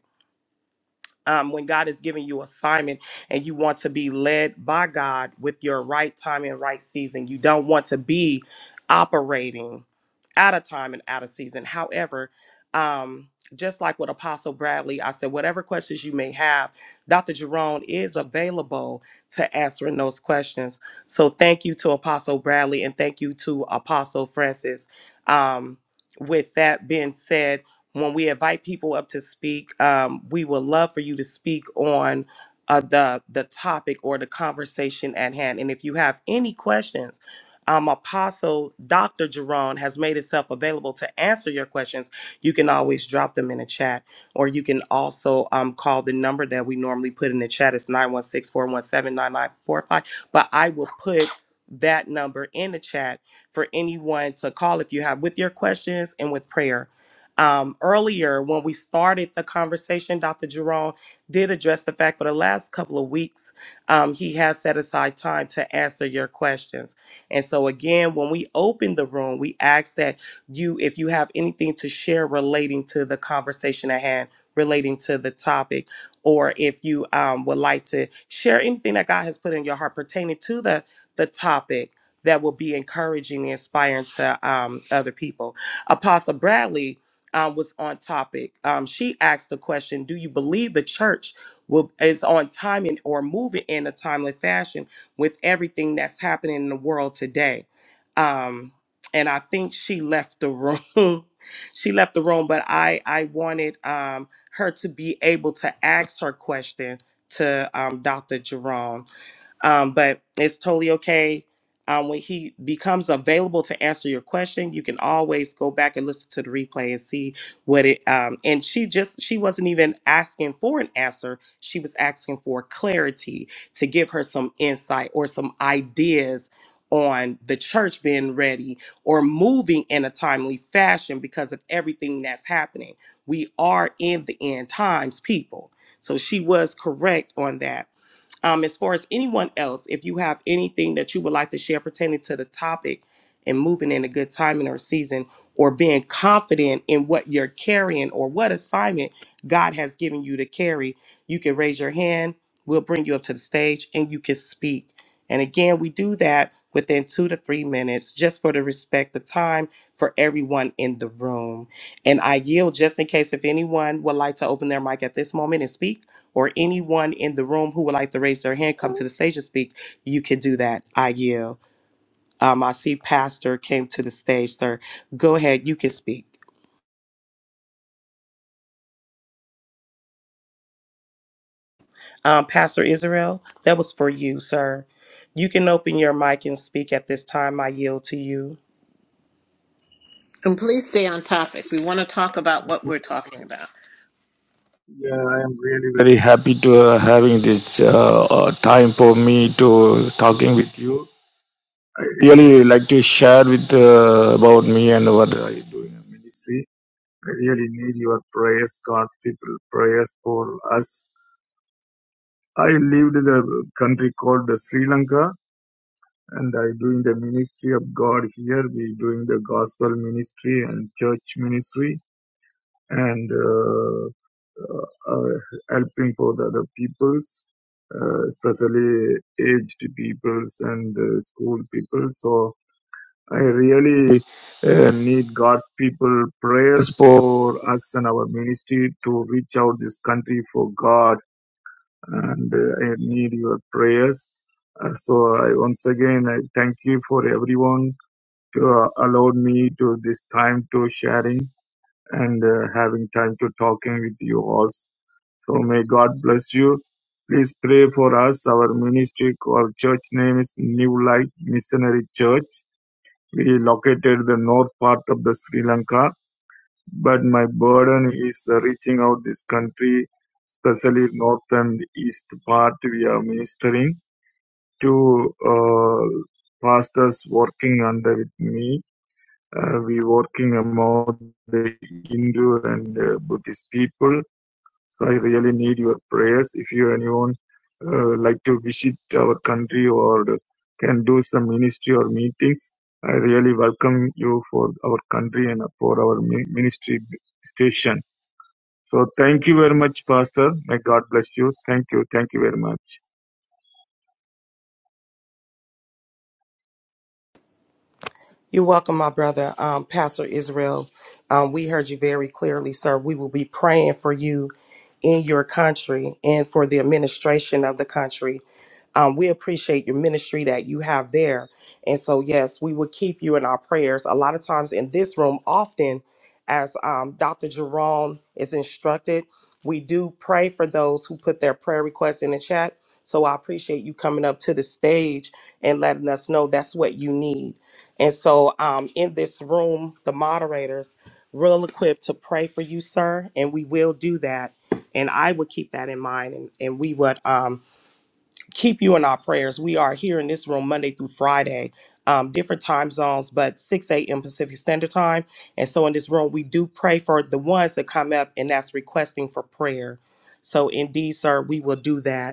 um, when God is giving you assignment and you want to be led by God with your right time and right season. You don't want to be operating out of time and out of season. However, um, just like with Apostle Bradley, I said, whatever questions you may have, Dr. Jerome is available to answering those questions. So thank you to Apostle Bradley and thank you to Apostle Francis. Um, with that being said, when we invite people up to speak, um, we would love for you to speak on uh, the the topic or the conversation at hand. And if you have any questions, um, Apostle Dr. Jerron has made itself available to answer your questions. You can always drop them in the chat, or you can also um, call the number that we normally put in the chat. It's 916 417 9945. But I will put that number in the chat for anyone to call if you have with your questions and with prayer um, earlier when we started the conversation, Dr. Jerome did address the fact for the last couple of weeks, um, he has set aside time to answer your questions. And so, again, when we open the room, we ask that you, if you have anything to share relating to the conversation at hand, relating to the topic, or if you um, would like to share anything that God has put in your heart pertaining to the, the topic. That will be encouraging and inspiring to um, other people. Apostle Bradley um, was on topic. Um, she asked the question: Do you believe the church will is on time and or moving in a timely fashion with everything that's happening in the world today? Um, and I think she left the room. she left the room, but I I wanted um, her to be able to ask her question to um, Dr. Jerome um, but it's totally okay. Um, when he becomes available to answer your question, you can always go back and listen to the replay and see what it. Um, and she just she wasn't even asking for an answer; she was asking for clarity to give her some insight or some ideas on the church being ready or moving in a timely fashion because of everything that's happening. We are in the end times, people. So she was correct on that um, as far as anyone else, if you have anything that you would like to share pertaining to the topic and moving in a good timing or season or being confident in what you're carrying or what assignment God has given you to carry, you can raise your hand. We'll bring you up to the stage and you can speak. And again, we do that within two to three minutes just for the respect of time for everyone in the room. And I yield just in case if anyone would like to open their mic at this moment and speak or anyone in the room who would like to raise their hand, come to the stage and speak, you can do that. I yield. Um, I see Pastor came to the stage, sir. Go ahead, you can speak. Um, Pastor Israel, that was for you, sir. You can open your mic and speak at this time. I yield to you.
And please stay on topic. We want to talk about what we're talking about.
Yeah, I am really very happy to uh, having this uh, uh, time for me to talking with you. I really like to share with uh, about me and what I do in ministry. I really need your prayers, God, people prayers for us. I lived in the country called the Sri Lanka, and I doing the ministry of God here. We doing the gospel ministry and church ministry, and uh, uh, uh, helping for the other peoples. uh, especially aged peoples and uh, school people. So I really uh, need God's people prayers for us and our ministry to reach out this country for God, and uh, I need your prayers. Uh, so I once again I thank you for everyone to uh, allowed me to this time to sharing and uh, having time to talking with you all. So may God bless you. Please pray for us. Our ministry or church name is New Light Missionary Church. We located the north part of the Sri Lanka, but my burden is uh, reaching out this country, especially north and east part. We are ministering to uh, pastors working under with me. Uh, we working among the Hindu and uh, Buddhist people so I really need your prayers. If you anyone uh, like to visit our country or can do some ministry or meetings, I really welcome you for our country and for our mi- ministry station. So thank you very much, Pastor. May God bless you. Thank you. Thank you very much.
You're welcome, my brother, um, Pastor Israel. Um, we heard you very clearly, sir. We will be praying for you in your country and for the administration of the country. Um, we appreciate your ministry that you have there. And so, yes, we will keep you in our prayers. A lot of times in this room, often as um, Dr. Jerome is instructed, we do pray for those who put their prayer requests in the chat. So I appreciate you coming up to the stage and letting us know that's what you need and so, um, in this room, the moderators real equipped to pray for you, sir, and we will do that. And I would keep that in mind, and, and we would um, keep you in our prayers. We are here in this room Monday through Friday, um, different time zones, but 6 a.m. Pacific Standard Time. And so, in this room, we do pray for the ones that come up, and that's requesting for prayer. So, indeed, sir, we will do that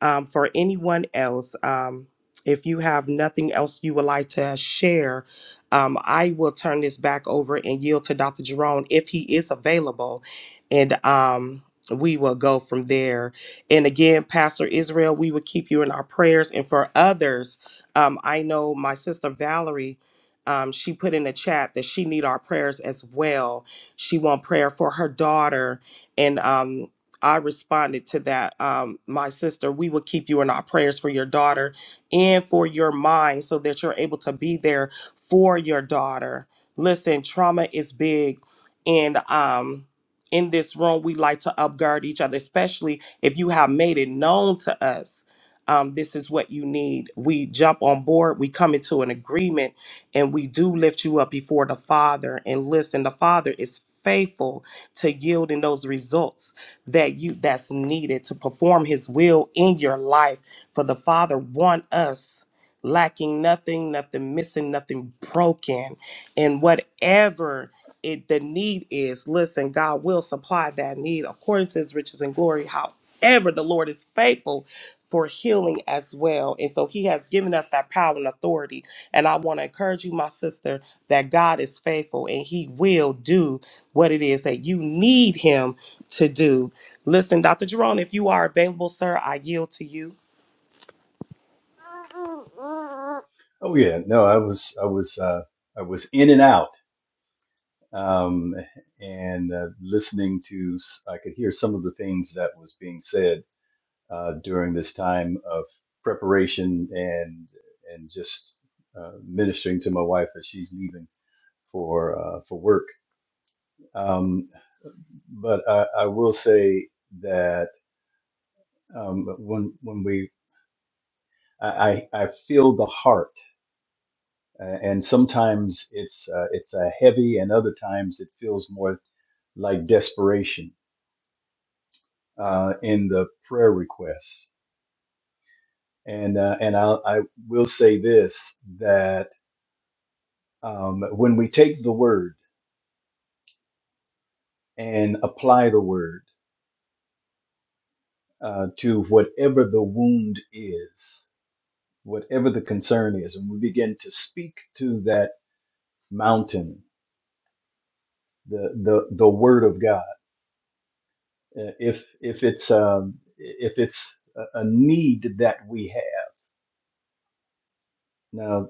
um, for anyone else, um, if you have nothing else you would like to share, um, I will turn this back over and yield to Dr. Jerome if he is available. And um, we will go from there. And again, Pastor Israel, we will keep you in our prayers. And for others, um, I know my sister Valerie, um, she put in the chat that she need our prayers as well. She want prayer for her daughter, and um, I responded to that. Um, my sister, we will keep you in our prayers for your daughter and for your mind so that you're able to be there for your daughter. Listen, trauma is big. And um, in this room, we like to upguard each other, especially if you have made it known to us. Um, this is what you need. We jump on board, we come into an agreement, and we do lift you up before the Father. And listen, the Father is faithful to yielding those results that you that's needed to perform his will in your life for the father want us lacking nothing nothing missing nothing broken and whatever it the need is listen god will supply that need according to his riches and glory however the lord is faithful for healing as well and so he has given us that power and authority and i want to encourage you my sister that god is faithful and he will do what it is that you need him to do listen dr jerome if you are available sir i yield to you
Oh yeah, no, I was I was uh, I was in and out um, and uh, listening to I could hear some of the things that was being said uh, during this time of preparation and and just uh, ministering to my wife as she's leaving for uh, for work. Um, but I, I will say that um, when when we I, I I feel the heart, uh, and sometimes it's uh, it's a heavy, and other times it feels more like desperation uh, in the prayer requests. And uh, and I'll, I will say this that um, when we take the word and apply the word uh, to whatever the wound is, whatever the concern is, and we begin to speak to that mountain, the the the word of God. Uh, If if it's um, if it's a a need that we have now,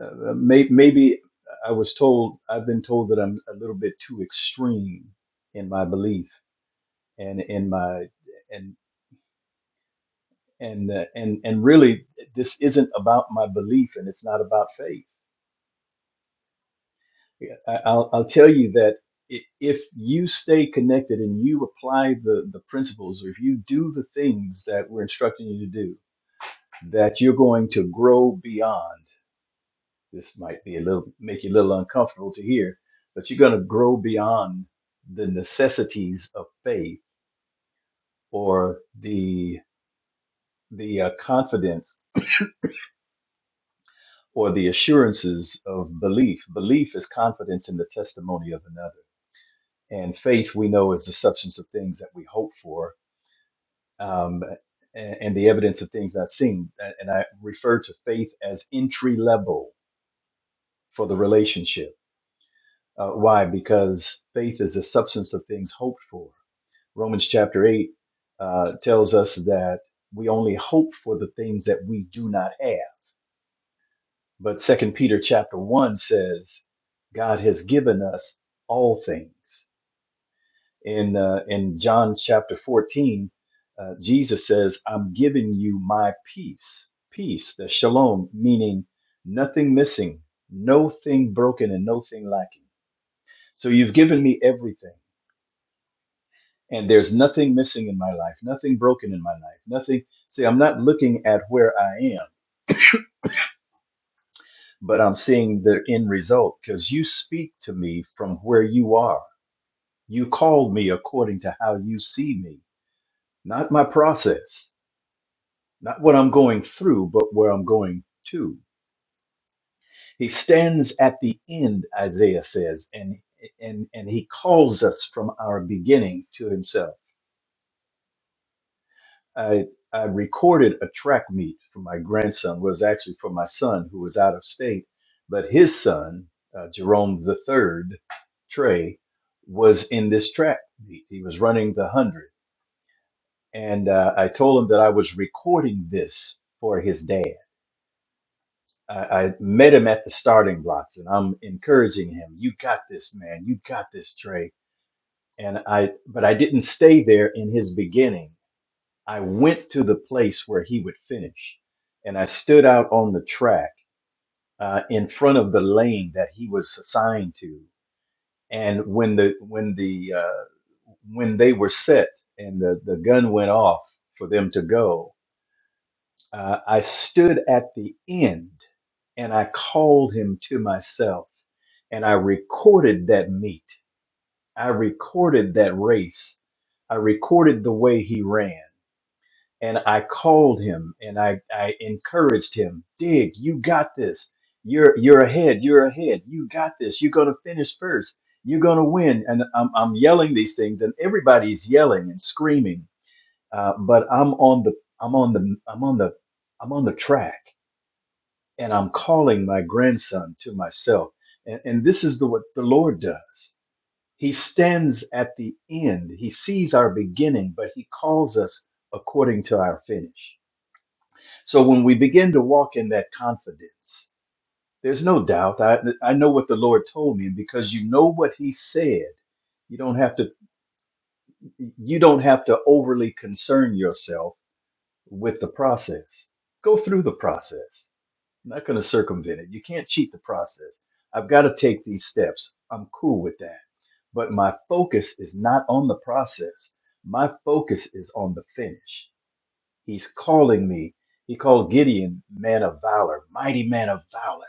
uh, may, maybe I was told I've been told that I'm a little bit too extreme in my belief and in my and. and uh, and and really this isn't about my belief and it's not about faith Yeah, I- i'll i'll tell you that i- if you stay connected and you apply the the principles or if you do the things that we're instructing you to do that you're going to grow beyond this might be a little make you a little uncomfortable to hear but you're going to grow beyond the necessities of faith or the the uh, confidence or the assurances of belief. Belief is confidence in the testimony of another. And faith, we know, is the substance of things that we hope for um, and, and the evidence of things not seen. And and I refer to faith as entry level for the relationship. Uh, why? Because faith is the substance of things hoped for. Romans chapter 8 uh, tells us that we only hope for the things that we do not have. But Second Peter chapter one says God has given us all things. In uh, in John chapter fourteen, uh, Jesus says, "I'm giving you my peace, peace, the shalom, meaning nothing missing, no thing broken, and no thing lacking. So you've given me everything." And there's nothing missing in my life, nothing broken in my life, nothing. See, I'm not looking at where I am, but I'm seeing the end result because you speak to me from where you are You called me according to how you see me, not my process, not what I'm going through, but where I'm going to. He stands at the end, Isaiah says, and and and he calls us from our beginning to himself. I I recorded a track meet for my grandson, Well, it was actually for my son who was out of state, but his son, uh, Jerome the third, Trey, was in this track meet. He was running the hundred. and uh, I told him that I was recording this for his dad. I, I met him at the starting blocks, and I'm encouraging him. You got this, man. You got this, Trey. And I, but I didn't stay there in his beginning. I went to the place where he would finish, and I stood out on the track uh, in front of the lane that he was assigned to. And when the when the uh, when they were set and the, the gun went off for them to go, Uh, I stood at the end and I called him to myself and I recorded that meet. I recorded that race. I recorded the way he ran and I called him and I, I encouraged him, Dig, you got this. You're, you're ahead. You're ahead. You got this. You're going to finish first. You're going to win. And I'm, I'm yelling these things and everybody's yelling and screaming. Uh, but I'm on the, I'm on the, I'm on the, I'm on the track and I'm calling my grandson to myself. And, and this is the, what the Lord does. He stands at the end. He sees our beginning, but he calls us according to our finish. So when we begin to walk in that confidence, there's no doubt. I, I know what the Lord told me, and because you know what he said, you don't have to you don't have to overly concern yourself with the process. Go through the process I'm not going to circumvent it. You can't cheat the process. I've got to take these steps. I'm cool with that. But my focus is not on the process. My focus is on the finish. He's calling me. He called Gideon man of valor, mighty man of valor.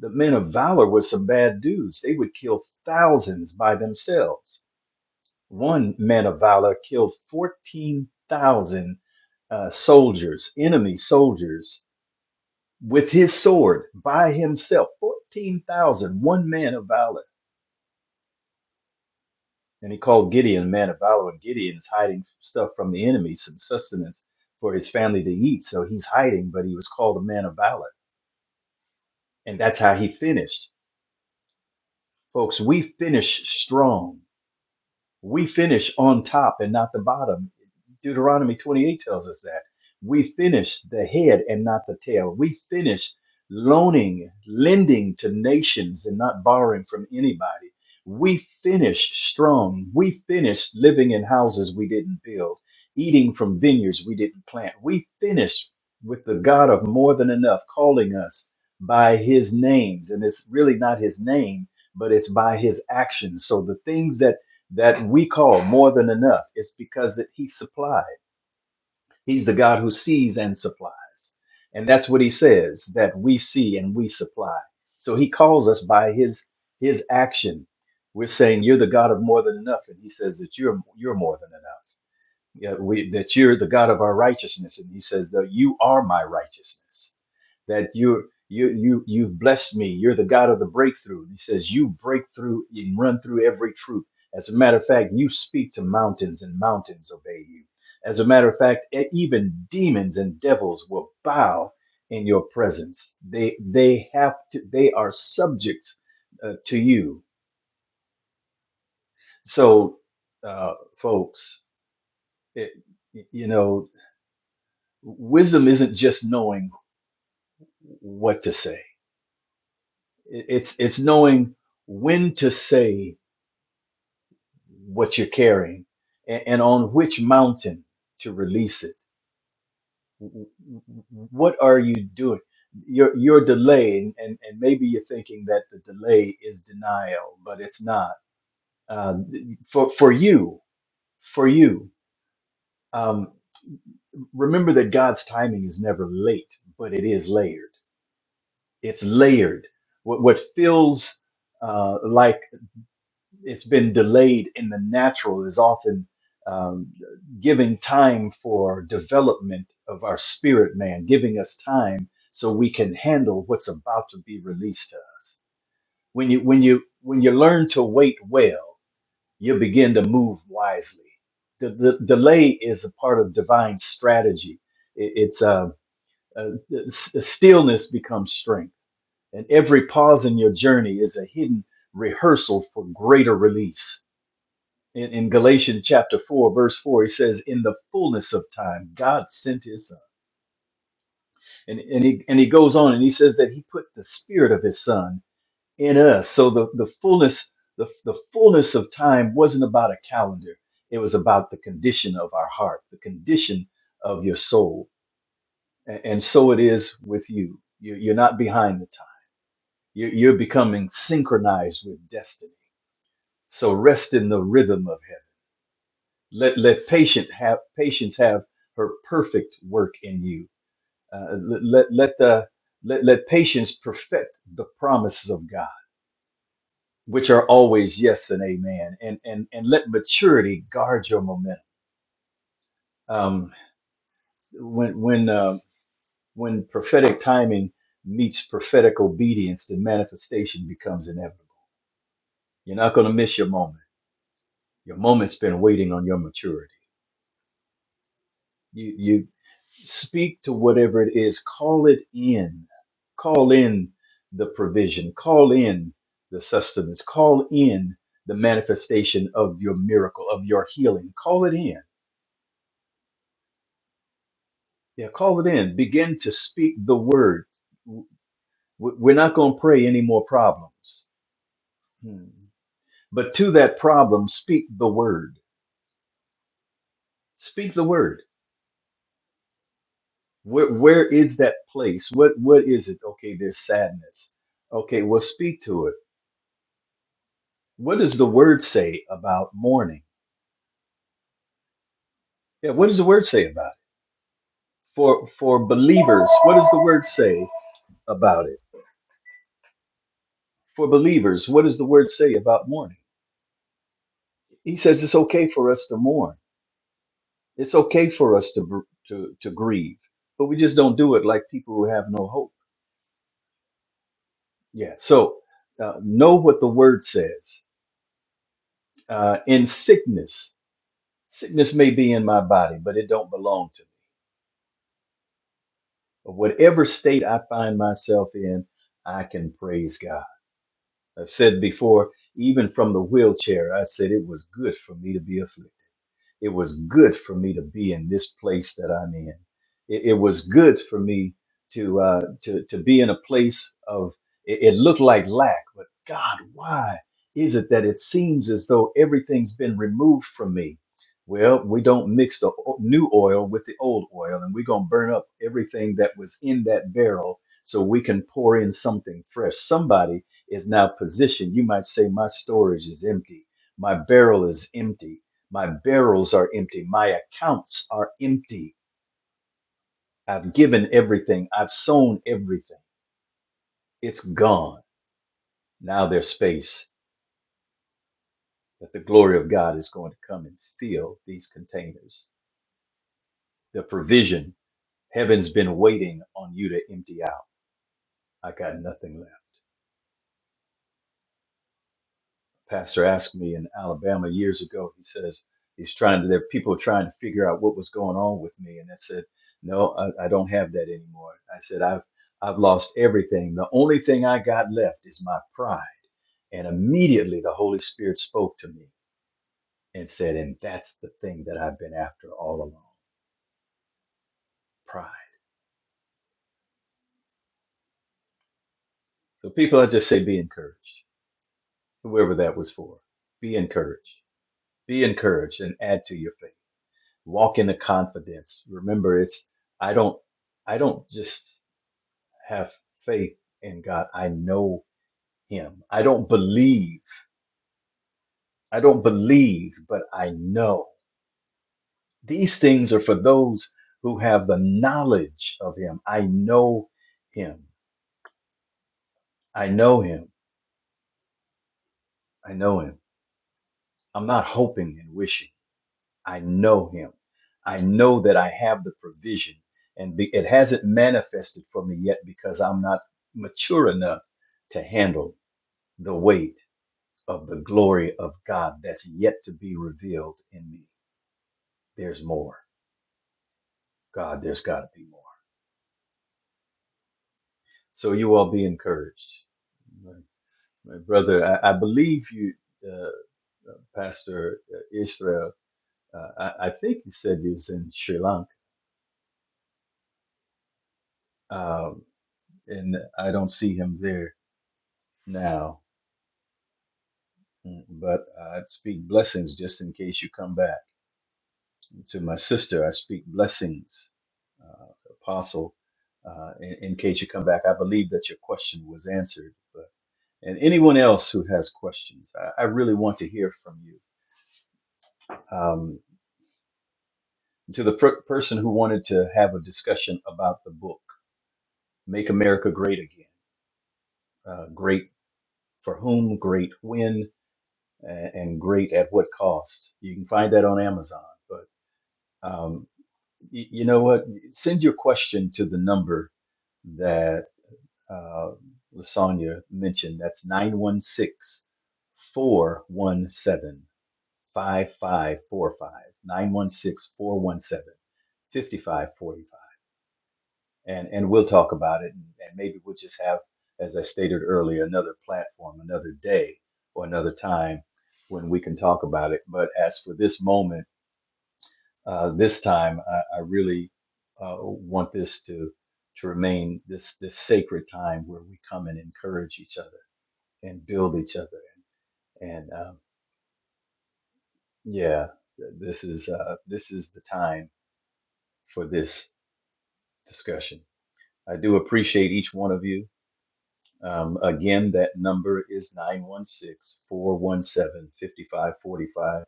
The men of valor were some bad dudes. They would kill thousands by themselves. One man of valor killed 14,000 uh, soldiers, enemy soldiers, with his sword by himself, fourteen thousand, one man of valor. And he called Gideon man of valor, and Gideon is hiding stuff from the enemy, some sustenance for his family to eat. So he's hiding, but he was called a man of valor. And that's how he finished. Folks, we finish strong. we finish on top and not the bottom. Deuteronomy 28 tells us that. We finish the head and not the tail. We finish loaning, lending to nations and not borrowing from anybody. We finish strong. We finish living in houses we didn't build, eating from vineyards we didn't plant. We finish with the God of more than enough calling us by his names. And it's really not his name, but it's by his actions. So the things that that we call more than enough. It's because that he supplied. He's the God who sees and supplies. And that's what he says that we see and we supply. So he calls us by his his action. We're saying you're the God of more than enough and he says that you're you're more than enough. Yeah, we, that you're the God of our righteousness and he says that you are my righteousness that you're you you you've blessed me. You're the God of the breakthrough. He says you break through and run through every troop. As a matter of fact, you speak to mountains and mountains obey you. As a matter of fact, e- even demons and devils will bow in your presence. They they have to they are subject uh, to you. So uh folks, it, you know, wisdom isn't just knowing what to say It's it's knowing when to say what you're carrying and, and on which mountain to release it. What are you doing? You're you're delaying, and and maybe you're thinking that the delay is denial, but it's not. Uh, for for you, for you, um, remember that God's timing is never late, but it is layered. It's layered. What, what feels uh, like it's been delayed in the natural is often um, giving time for development of our spirit man, giving us time so we can handle what's about to be released to us. When you when you when you learn to wait well, you begin to move wisely. The, the delay is a part of divine strategy. It- it's uh, uh, s- stillness becomes strength, and every pause in your journey is a hidden rehearsal for greater release in, in Galatians chapter 4, verse 4, he says, In the fullness of time, God sent his son. And, and, he, and he goes on and he says that he put the spirit of his son in us. So the, the fullness, the, the fullness of time wasn't about a calendar. It was about the condition of our heart, the condition of your soul. And, and so it is with you. you you're not behind the time. You're, you're becoming synchronized with destiny. So rest in the rhythm of heaven Let let patient have patience have her perfect work in you. Uh, let, let let the let let patience perfect the promises of God, which are always yes and amen. And and and let maturity guard your momentum. Um, when when uh, when prophetic timing meets prophetic obedience, the manifestation becomes inevitable. You're not going to miss your moment. Your moment's been waiting on your maturity. You you speak to whatever it is, call it in. Call in the provision, call in the sustenance, call in the manifestation of your miracle, of your healing. Call it in. Yeah, call it in. Begin to speak the word. W- We're not going to pray any more problems. Hmm. But to that problem, speak the word. Speak the word. Where, where is that place? What what is it? Okay, there's sadness. Okay, well, speak to it What does the word say about mourning? Yeah, what does the word say about it? For for believers, what does the word say about it? For believers, what does the word say about mourning? He says it's okay for us to mourn. It's okay for us to br- to to grieve, but we just don't do it like people who have no hope. Yeah. So uh, know what the word says. Uh, in sickness, sickness may be in my body, but it don't belong to me. But whatever state I find myself in, I can praise God. I've said before, even from the wheelchair, I said it was good for me to be afflicted. It was good for me to be in this place that I'm in. It, it was good for me to uh, to to be in a place of. It, it looked like lack, but God, why is it that it seems as though everything's been removed from me? Well, we don't mix the o- new oil with the old oil, and we're gonna burn up everything that was in that barrel so we can pour in something fresh. Somebody is now positioned. You might say, My storage is empty. My barrel is empty. My barrels are empty. My accounts are empty. I've given everything. I've sown everything. It's gone. Now there's space that the glory of God is going to come and fill these containers. The provision, heaven's been waiting on you to empty out. I got nothing left. pastor asked me in Alabama years ago. He says he's trying to. There are people trying to figure out what was going on with me, and I said, "No, I, I don't have that anymore." I said, "I've I've lost everything. The only thing I got left is my pride." And immediately the Holy Spirit spoke to me and said, "And that's the thing that I've been after all along, pride." So people, I just say, be encouraged. Whoever that was for, be encouraged. Be encouraged and add to your faith. walk in the confidence remember it's i don't i don't just have faith in god i know him i don't believe i don't believe but i know these things are for those who have the knowledge of him i know him i know him i know him i'm not hoping and wishing I know him. I know that I have the provision and be, it hasn't manifested for me yet because I'm not mature enough to handle the weight of the glory of God that's yet to be revealed in me. There's more. God, there's got to be more. So you all be encouraged. My, my brother, I, I believe you, uh, Pastor Israel, uh, I, I think he said he was in Sri Lanka, um, and I don't see him there now Mm, But uh, i speak blessings just in case you come back. To my sister, I speak blessings, uh, Apostle, uh, in, in case you come back. I believe that your question was answered. But, and anyone else who has questions, I, I really want to hear from you. Um, to the per- person who wanted to have a discussion about the book, Make America Great Again. Uh, great for whom, great when, a- and great at what cost. You can find that on Amazon. But um, Y- You know what? Send your question to the number that uh, Lasagna mentioned. That's 916 417 And, and we'll talk about it. And, and maybe we'll just have, as I stated earlier, another platform, another day, or another time when we can talk about it. But as for this moment, uh, this time I, I really uh, want this to to remain this this sacred time where we come and encourage each other and build each other and um, yeah th- this is uh, this is the time for this discussion I do appreciate each one of you Um, again, that number is nine one six four one seven fifty five forty five.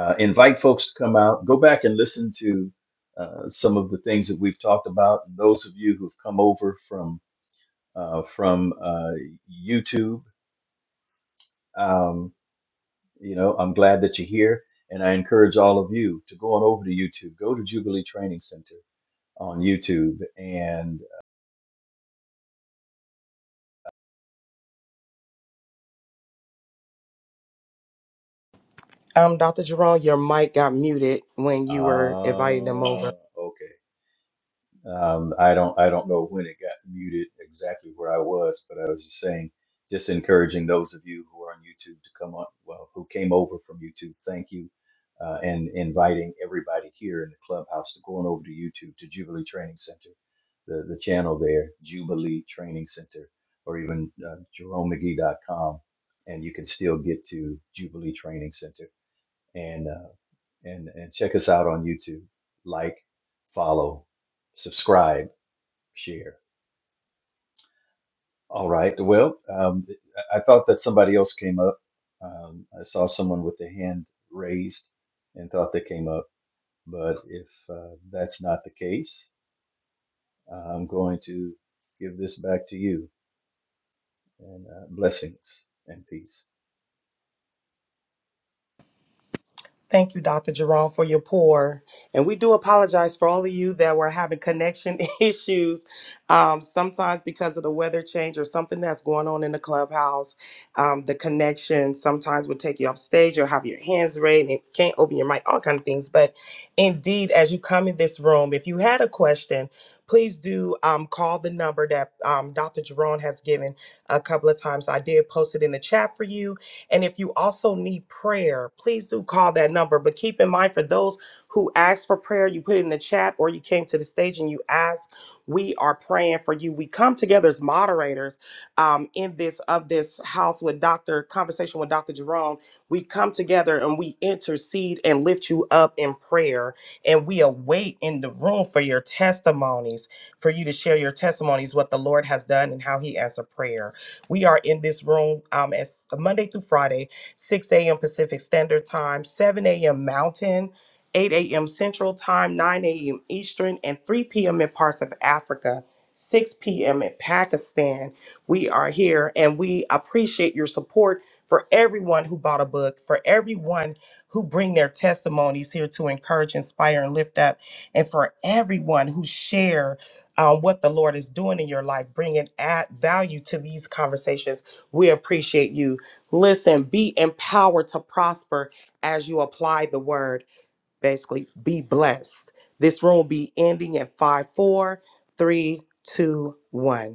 Uh, invite folks to come out. Go back and listen to uh, some of the things that we've talked about. And those of you who've come over from uh, from uh, YouTube, um, you know, I'm glad that you're here, and I encourage all of you to go on over to YouTube. Go to Jubilee Training Center on YouTube, and
um dr jerome your mic got muted when you were inviting them over
uh, okay. Um, I don't I don't know when it got muted exactly where I was, but I was just saying, just encouraging those of you who are on YouTube to come on, well, who came over from YouTube, thank you, uh, and inviting everybody here in the clubhouse to going over to YouTube to Jubilee Training Center, the the channel there, Jubilee Training Center, or even uh, JeromeMcGee.com, and you can still get to Jubilee Training Center and uh, and and check us out on YouTube. Like, follow, subscribe, share. All right. Well, um, I thought that somebody else came up. Um, I saw someone with the hand raised and thought they came up, but if uh, that's not the case, I'm going to give this back to you and uh, blessings and peace.
Thank you, Dr. Jerome, for your pour. And we do apologize for all of you that were having connection issues, um, sometimes because of the weather change or something that's going on in the clubhouse. Um, the connection sometimes would take you off stage or have your hands raised and can't open your mic, all kind of things. But indeed, as you come in this room, if you had a question, please do um, call the number that um, Dr. Jerome has given a couple of times. I did post it in the chat for you and if you also need prayer, please do call that number. But keep in mind for those who asked for prayer, you put it in the chat or you came to the stage and you asked, we are praying for you. We come together as moderators um, in this of this house with Dr. Conversation with Dr. Jerome. We come together and we intercede and lift you up in prayer. And we await in the room for your testimonies, for you to share your testimonies, what the Lord has done and how he answered prayer. We are in this room um, as uh, Monday through Friday, 6 a.m. Pacific Standard Time, 7 a.m. Mountain, 8 a.m. Central Time, 9 a.m. Eastern, and 3 p.m. in parts of Africa. 6 p.m. in Pakistan. We are here and we appreciate your support for everyone who bought a book, for everyone who bring their testimonies here to encourage, inspire, and lift up, and for everyone who share um, what the Lord is doing in your life, bringing add value to these conversations. We appreciate you. Listen, be empowered to prosper as you apply the word. Basically, be blessed. This room will be ending at five, four, three, two, one.